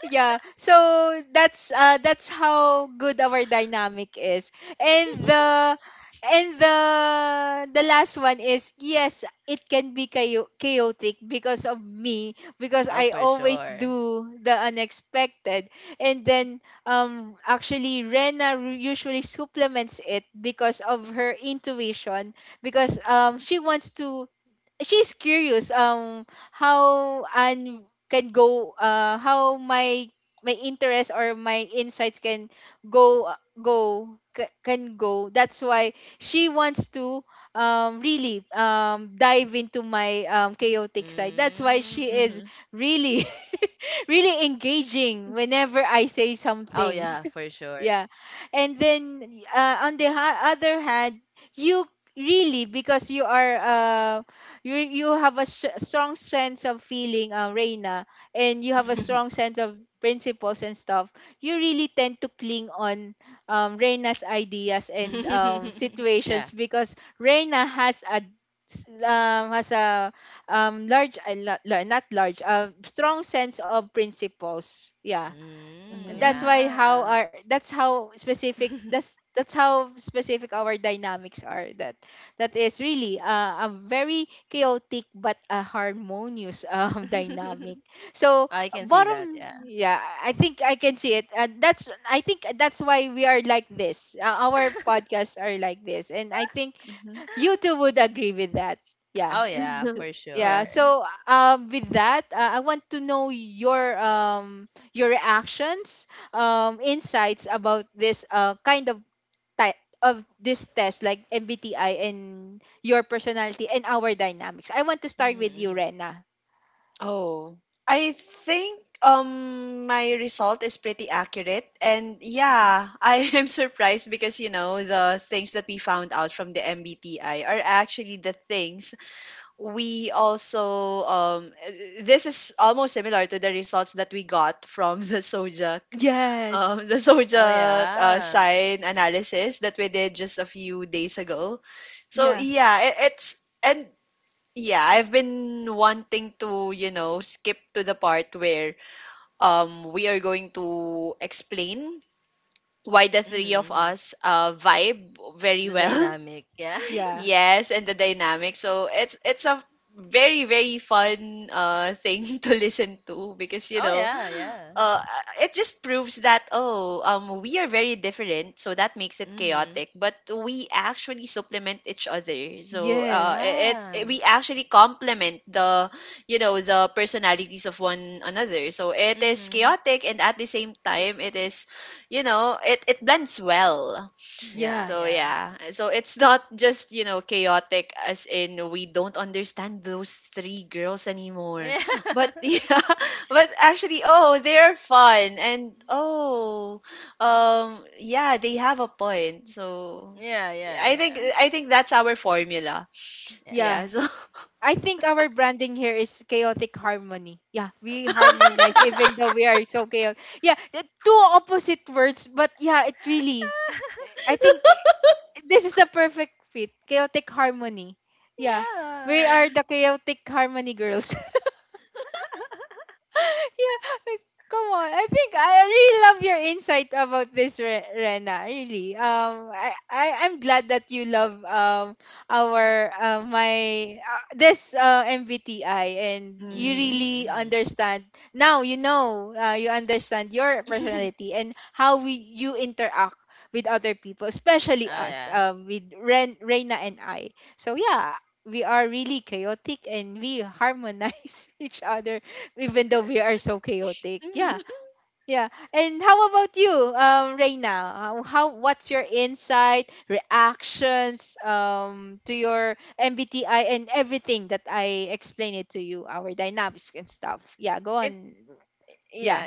S1: yeah so that's uh that's how good our dynamic is. And the and the the last one is yes, it can be chao- chaotic because of me, because I always do the unexpected. And then um actually Rena r- usually supplements it because of her intuition, because um she wants to, she's curious um how and can go, uh how my my interest or my insights can go, uh, go ca- can go. That's why she wants to um really um dive into my um chaotic side. That's why she is
S3: Mhm,
S1: really really engaging whenever I say some things, yeah. And then uh, on the ha- other hand, you really, because you are uh, you you have a s- strong sense of feeling, uh, Reina, and you have a strong sense of principles and stuff. You really tend to cling on um, Reina's ideas and um, situations, because Reina has a s- um, has a um, large uh, la- la- not large a strong sense of principles, yeah. And that's
S3: mhm,
S1: why how our that's how specific, that's that's how specific our dynamics are, that that is really uh, a very chaotic but a harmonious um, dynamic. So bottom yeah, I think I can see it. Uh, that's I think that's why we are like this, uh, our podcasts are like this, and I think
S3: mhm.
S1: you too would agree with that, yeah. so, yeah,
S3: Yeah.
S1: so um with that, uh, I want to know your um your reactions, um insights about this uh kind of type of this test, like MBTI, and your personality and our dynamics. I want to start with you, Rena.
S3: Oh. I think um my result is pretty accurate and
S1: Yeah.
S3: yeah, I am surprised because you know the things that we found out from the M B T I are actually the things we also um uh, this is almost similar to the results that we got from the Sojak um
S1: Yes.
S3: the Sojak uh, sign analysis that we did just a few days ago. So
S1: Yeah.
S3: yeah, it, it's and Yeah, I've been wanting to, you know, skip to the part where um we are going to explain why the three of us uh vibe very well.
S1: Yeah.
S3: yes, and the dynamic. So it's it's a very very fun uh thing to listen to because you know uh, it just proves that oh um we are very different so that makes it chaotic but we actually supplement each other so uh
S1: Yes.
S3: it, it's we actually complement the you know the personalities of one another so it is chaotic and at the same time it is you know it it blends well
S1: Yeah.
S3: so yeah, so it's not just you know chaotic as in we don't understand those three girls anymore. But yeah, but actually, oh, they're fun and oh, um, yeah, they have a point. So I think I think that's our formula. Yeah.
S1: Yeah.
S3: So.
S1: I think our branding here is chaotic harmony. Yeah, we harmonize even though we are so chaotic. Yeah, the two opposite words, but yeah, it really. I think this is the perfect fit. Chaotic harmony. Yeah, we are the chaotic harmony girls. Yeah, like, come on. I think I really love your insight about this, Re- Rena. Really. Um, I, I I'm glad that you love um our uh, my uh, this uh, M B T I, and you
S3: hmm
S1: really understand now. You know, uh, you understand your personality and how we you interact with other people, especially us, um, with Ren, Reina and I. So yeah, we are really chaotic and we harmonize each other, even though we are so chaotic. Yeah, yeah. And how about you, um, Reina? How, how What's your insight, reactions, um, to your M B T I and everything that I explained it to you, our dynamics and stuff. Yeah, go on. Yeah,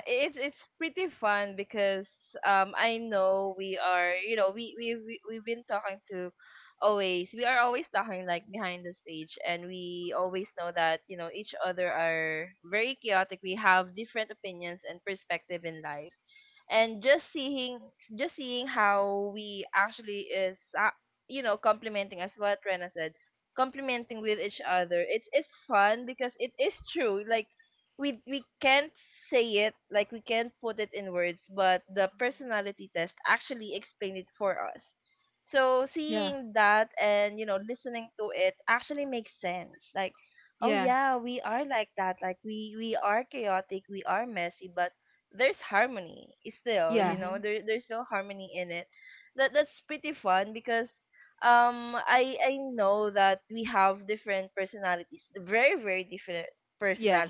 S1: yeah, yeah, yeah,
S3: Mhm.
S1: yeah,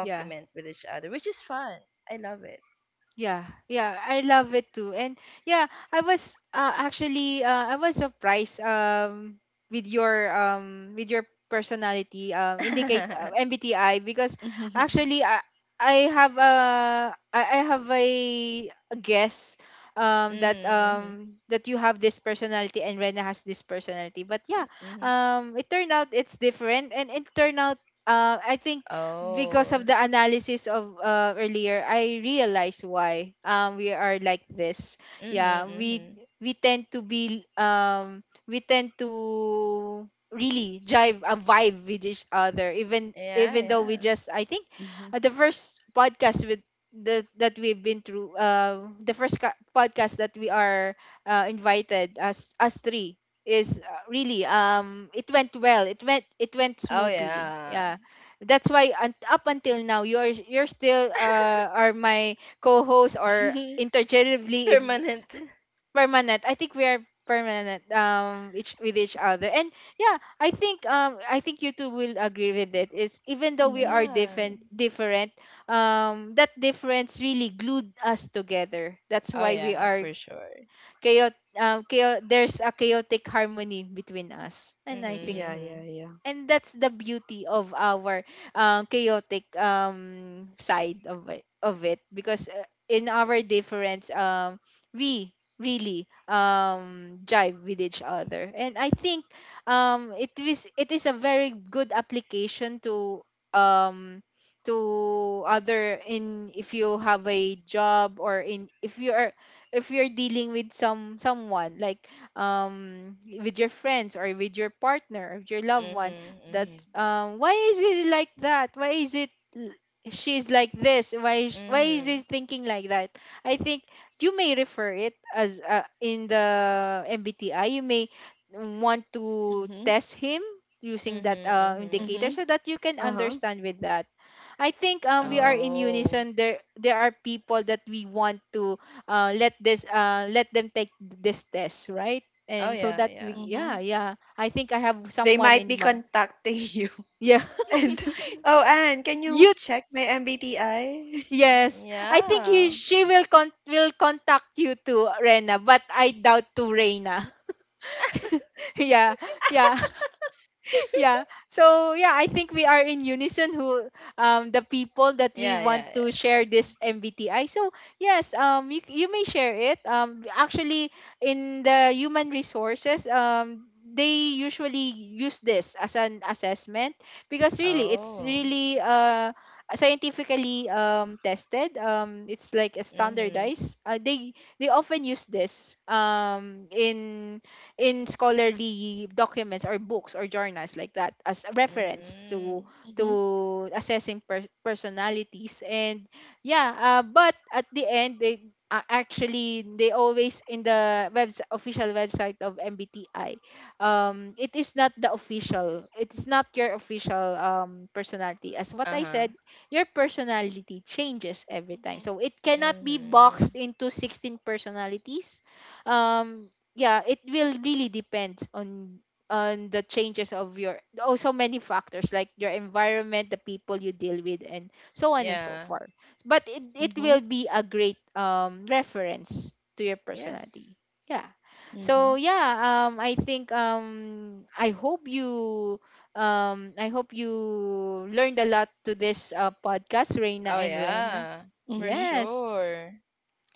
S1: yeah. Yeah, yeah, I love it too. And yeah, I was uh, actually uh, I was surprised um with your um with your personality um indicate uh, M B T I, because
S3: Mhm.
S1: actually I I have a I I have a, a guess um that um that you have this personality and Rena has this personality. But yeah, um it turned out it's different, and it turned out, uh, I think, because of the analysis of, uh, earlier, I realized why um we are like this. Yeah, we we tend to be um we tend to really drive a vibe with each other, even even though we just, I think,
S3: Mhm.
S1: uh, the first podcast with the, that we've been through, uh, the first ca- podcast that we are uh, invited as us three is uh, really um it went well, it went it went smoothly. Yeah, that's why un- up until now, you're you're still uh, are my co-host, or interchangeably. If permanent, I think we are permanent um each with each other. And yeah, I think um I think you two will agree with it, is even though we
S3: Mhm.
S1: are different different, um that difference really glued us together. That's why we are chaotic, um, chao- there's a chaotic harmony between us, and I think,
S3: Yeah, yeah, yeah.
S1: and that's the beauty of our um, chaotic um, side of it, of it because, uh, in our difference, um, we really um, jive with each other. And I think um, it is, it is a very good application to um, to other, in, if you have a job, or in, if you are, if you're dealing with some someone like um with your friends or with your partner or with your loved one, that um why is it like that, why is it l- she's like this, why is, why is it thinking like that. I think you may refer it as, uh, in the MBTI, you may want
S3: Mhm.
S1: to test him using that uh,
S3: Mhm.
S1: indicator, so that you can
S3: Uh-huh.
S1: understand with that. I think, um, we are
S3: Mhm.
S1: in unison. There there are people that we want to, uh, let this uh, let them take this test, right? And so that we, yeah,
S3: Mhm.
S1: yeah, I think I have
S3: They
S1: someone
S3: might
S1: in
S3: be
S1: mind.
S3: contacting you.
S1: Yeah.
S3: And, "Oh, Anne, can you
S1: you
S3: check my M B T I?"
S1: Yes, I think he she will con will contact you to Rena, but I doubt to Reina. Yeah, yeah. Yeah. So yeah, I think we are in unison who, um the people that we want to share this M B T I. So yes, um, you you may share it. Um, actually, in the human resources, um they usually use this as an assessment, because really it's really uh scientifically um tested. Um, it's like a standardized, uh, they they often use this um in in scholarly documents or books or journals like that, as a reference to
S3: hmm
S1: to assessing per- personalities, and yeah. Uh, but at the end, they uh, actually they always, in the webs official website of M B T I, um it is not the official, it is not your official um personality. As what I said, your personality changes every time,
S3: Mhm,
S1: so it cannot be boxed into sixteen personalities. Um, yeah, it will really depend on on the changes of your, oh, so many factors, like your environment, the people you deal with, and so on and so forth. But it, it
S3: mhm,
S1: will be a great um reference to your personality. Yeah.
S3: mhm,
S1: So yeah, um I think, um i hope you um I hope you learned a lot to this uh, podcast, Reina and Rena.
S3: mhm,
S1: Yes.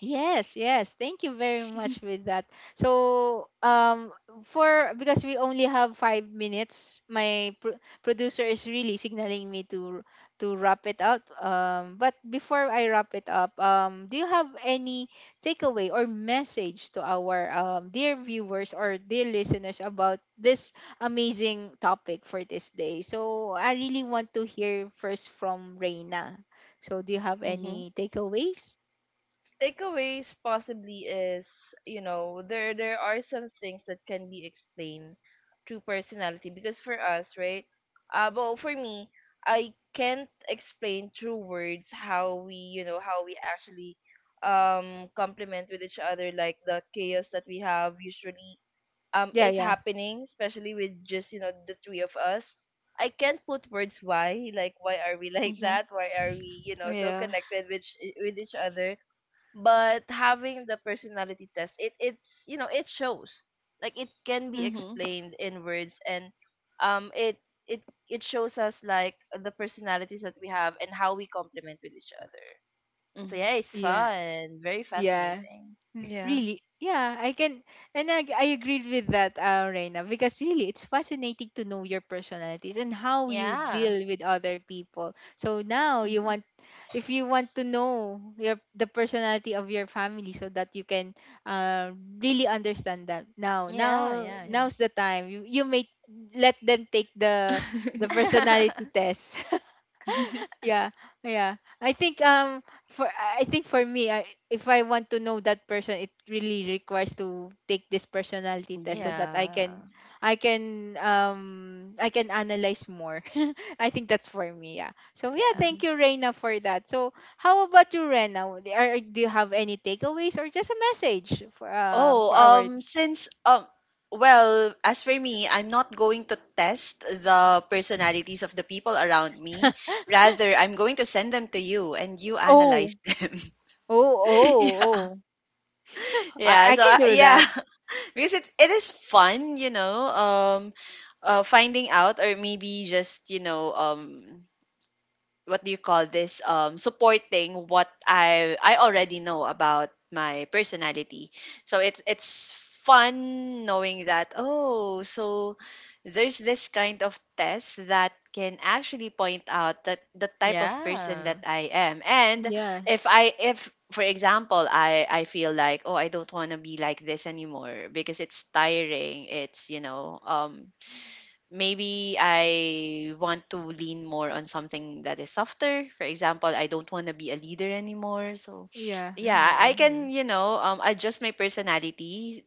S1: Yes, yes. Thank you very much with that. So, um, for because we only have five minutes, my pr- producer is really signaling me to to wrap it up. Um, but before I wrap it up, um, do you have any takeaway or message to our um, dear viewers or dear listeners about this amazing topic for this day? So, I really want to hear first from Reina. So, do you have
S3: mhm,
S1: any takeaways? Yeah, yeah.
S3: mhm. Yeah. Mhm, mhm.
S1: Yeah, yeah, mm,
S3: Yeah.
S1: really. Yeah, I can, and I, I agreed with that, uh, Reina, because really it's fascinating to know your personalities and how you deal with other people. So now you
S3: Mhm.
S1: want, if you want to know your the personality of your family, so that you can, uh, really understand that. Now, now, now's the time. You you may let them take the the personality test. Yeah, yeah. I think, um, for I I think for me, I, if I want to know that person, it really requires to take this personality test so
S3: Mm-hmm.
S1: that I can I can, um, I can analyze more. I think that's for me, yeah. So yeah, thank you, Reina, for that. So how about you, Reina? Are, do you have any takeaways or just a message for, um,
S3: Oh,
S1: for our,
S3: um, since um, well, as for me, I'm not going to test the personalities of the people around me. Rather, I'm going to send them to you, and you analyze.
S1: oh,
S3: Them.
S1: oh, oh,
S3: yeah,
S1: oh.
S3: yeah.
S1: I I
S3: So
S1: can
S3: uh,
S1: do
S3: yeah,
S1: that.
S3: because it it is fun, you know. Um, uh, finding out, or maybe just you know, um, what do you call this um supporting what I I already know about my personality. So it's it's fun knowing that oh so there's this kind of test that can actually point out that the type of person that I am and
S1: Yeah.
S3: if I if for example I I feel like oh I don't want to be like this anymore because it's tiring it's you know um Maybe I want to lean more on something that is softer. For example, I don't want to be a leader anymore. So,
S1: Yeah.
S3: yeah, I can, you know, um, adjust my personality.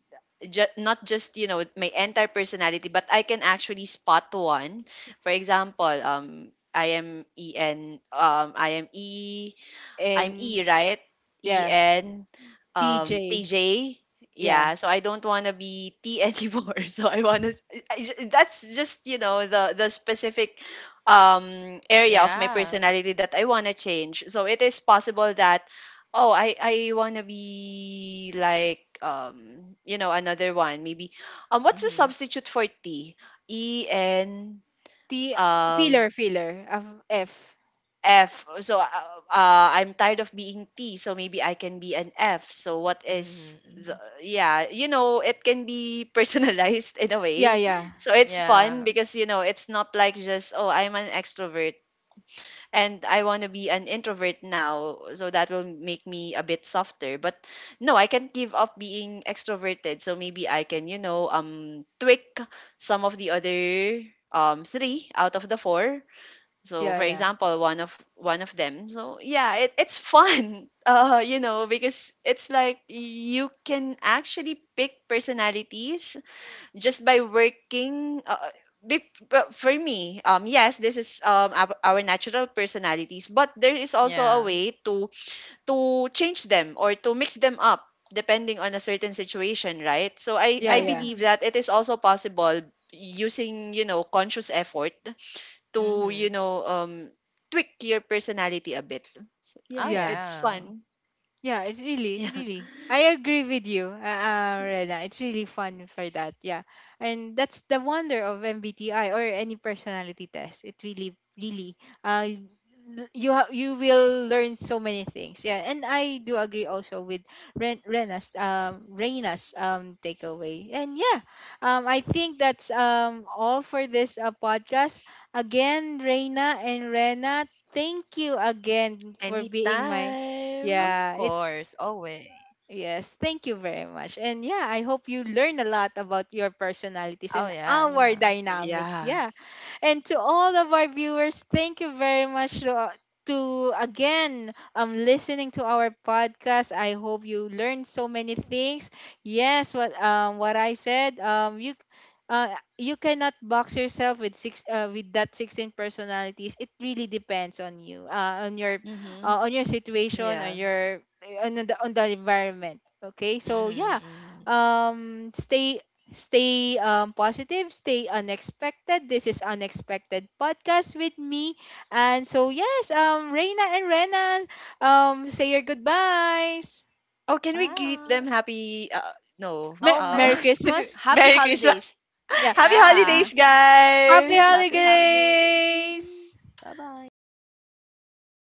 S3: Ju- not just you know my entire personality but I can actually spot one for example um i am en um I am e I'm
S1: And
S3: E, right? E
S1: yeah.
S3: N, um,
S1: T J.
S3: T J.
S1: Yeah.
S3: Yeah, so I don't want to be T anymore. So I want to. That's just you know the the specific um area of my personality that I want to change. So it is possible that oh I I want to be like um you know another one maybe um what's the substitute for T? E N
S1: T
S3: um
S1: filler filler of F.
S3: F. So uh, uh, I'm tired of being T, so maybe I can be an F. So what is the, yeah, you know, it can be personalized in a
S1: Yeah,
S3: way.
S1: yeah.
S3: So it's fun because you know, it's not like just oh, I'm an extrovert and I want to be an introvert now, so that will make me a bit softer. But no, I can't give up being extroverted. So maybe I can, you know, um tweak some of the other um three out of the four so
S1: Yeah,
S3: for
S1: yeah.
S3: example, one of one of them. So yeah, it, it's fun. Uh, you know, because it's like you can actually pick personalities just by working uh, be- but for me, um, yes, this is um our, our natural personalities, but there is also a way to to change them or to mix them up depending on a certain situation, right? So I
S1: Yeah,
S3: I
S1: yeah.
S3: believe that it is also possible using you know conscious effort to, you know, um, tweak your personality a bit. So, yeah,
S1: Yeah.
S3: it's fun.
S1: Yeah, it's really,
S3: Yeah,
S1: really. I agree with you, uh, uh, Rena. It's really fun for that. Yeah. And that's the wonder of M B T I or any personality test. It really, really, uh, l- you ha- you will learn so many things. Yeah. And I do agree also with Ren- Rena's, um, Rena's um, takeaway. And yeah, um, I think that's um, all for this uh, podcast. Again, Reina and Rena, thank you again for being my.
S3: anytime.
S1: Yeah, it. Yes, thank you very much. And yeah, I hope you learn a lot about your personalities and our dynamics.
S3: Yeah.
S1: Yeah, and to all of our viewers, thank you very much, to, to again um listening to our podcast. I hope you learned so many things. Yes, what um what I said, um, you uh, you cannot box yourself with six uh, with that sixteen personalities. It really depends on you, uh, on your
S3: Mm-hmm.
S1: uh, on your situation, on
S3: Yeah.
S1: your, on the, on the environment. Okay, so yeah, um stay stay um, positive, stay unexpected. This is Unexpected Podcast with me. And so, yes, um, Reina and Rena, um, say your goodbyes.
S3: Oh, can we greet them happy? Uh, no.
S1: Mer-
S3: Uh,
S1: Merry Christmas.
S3: Merry Christmas.
S1: Yeah.
S3: happy holidays,
S1: Happy
S3: guys.
S1: holidays.
S3: Bye.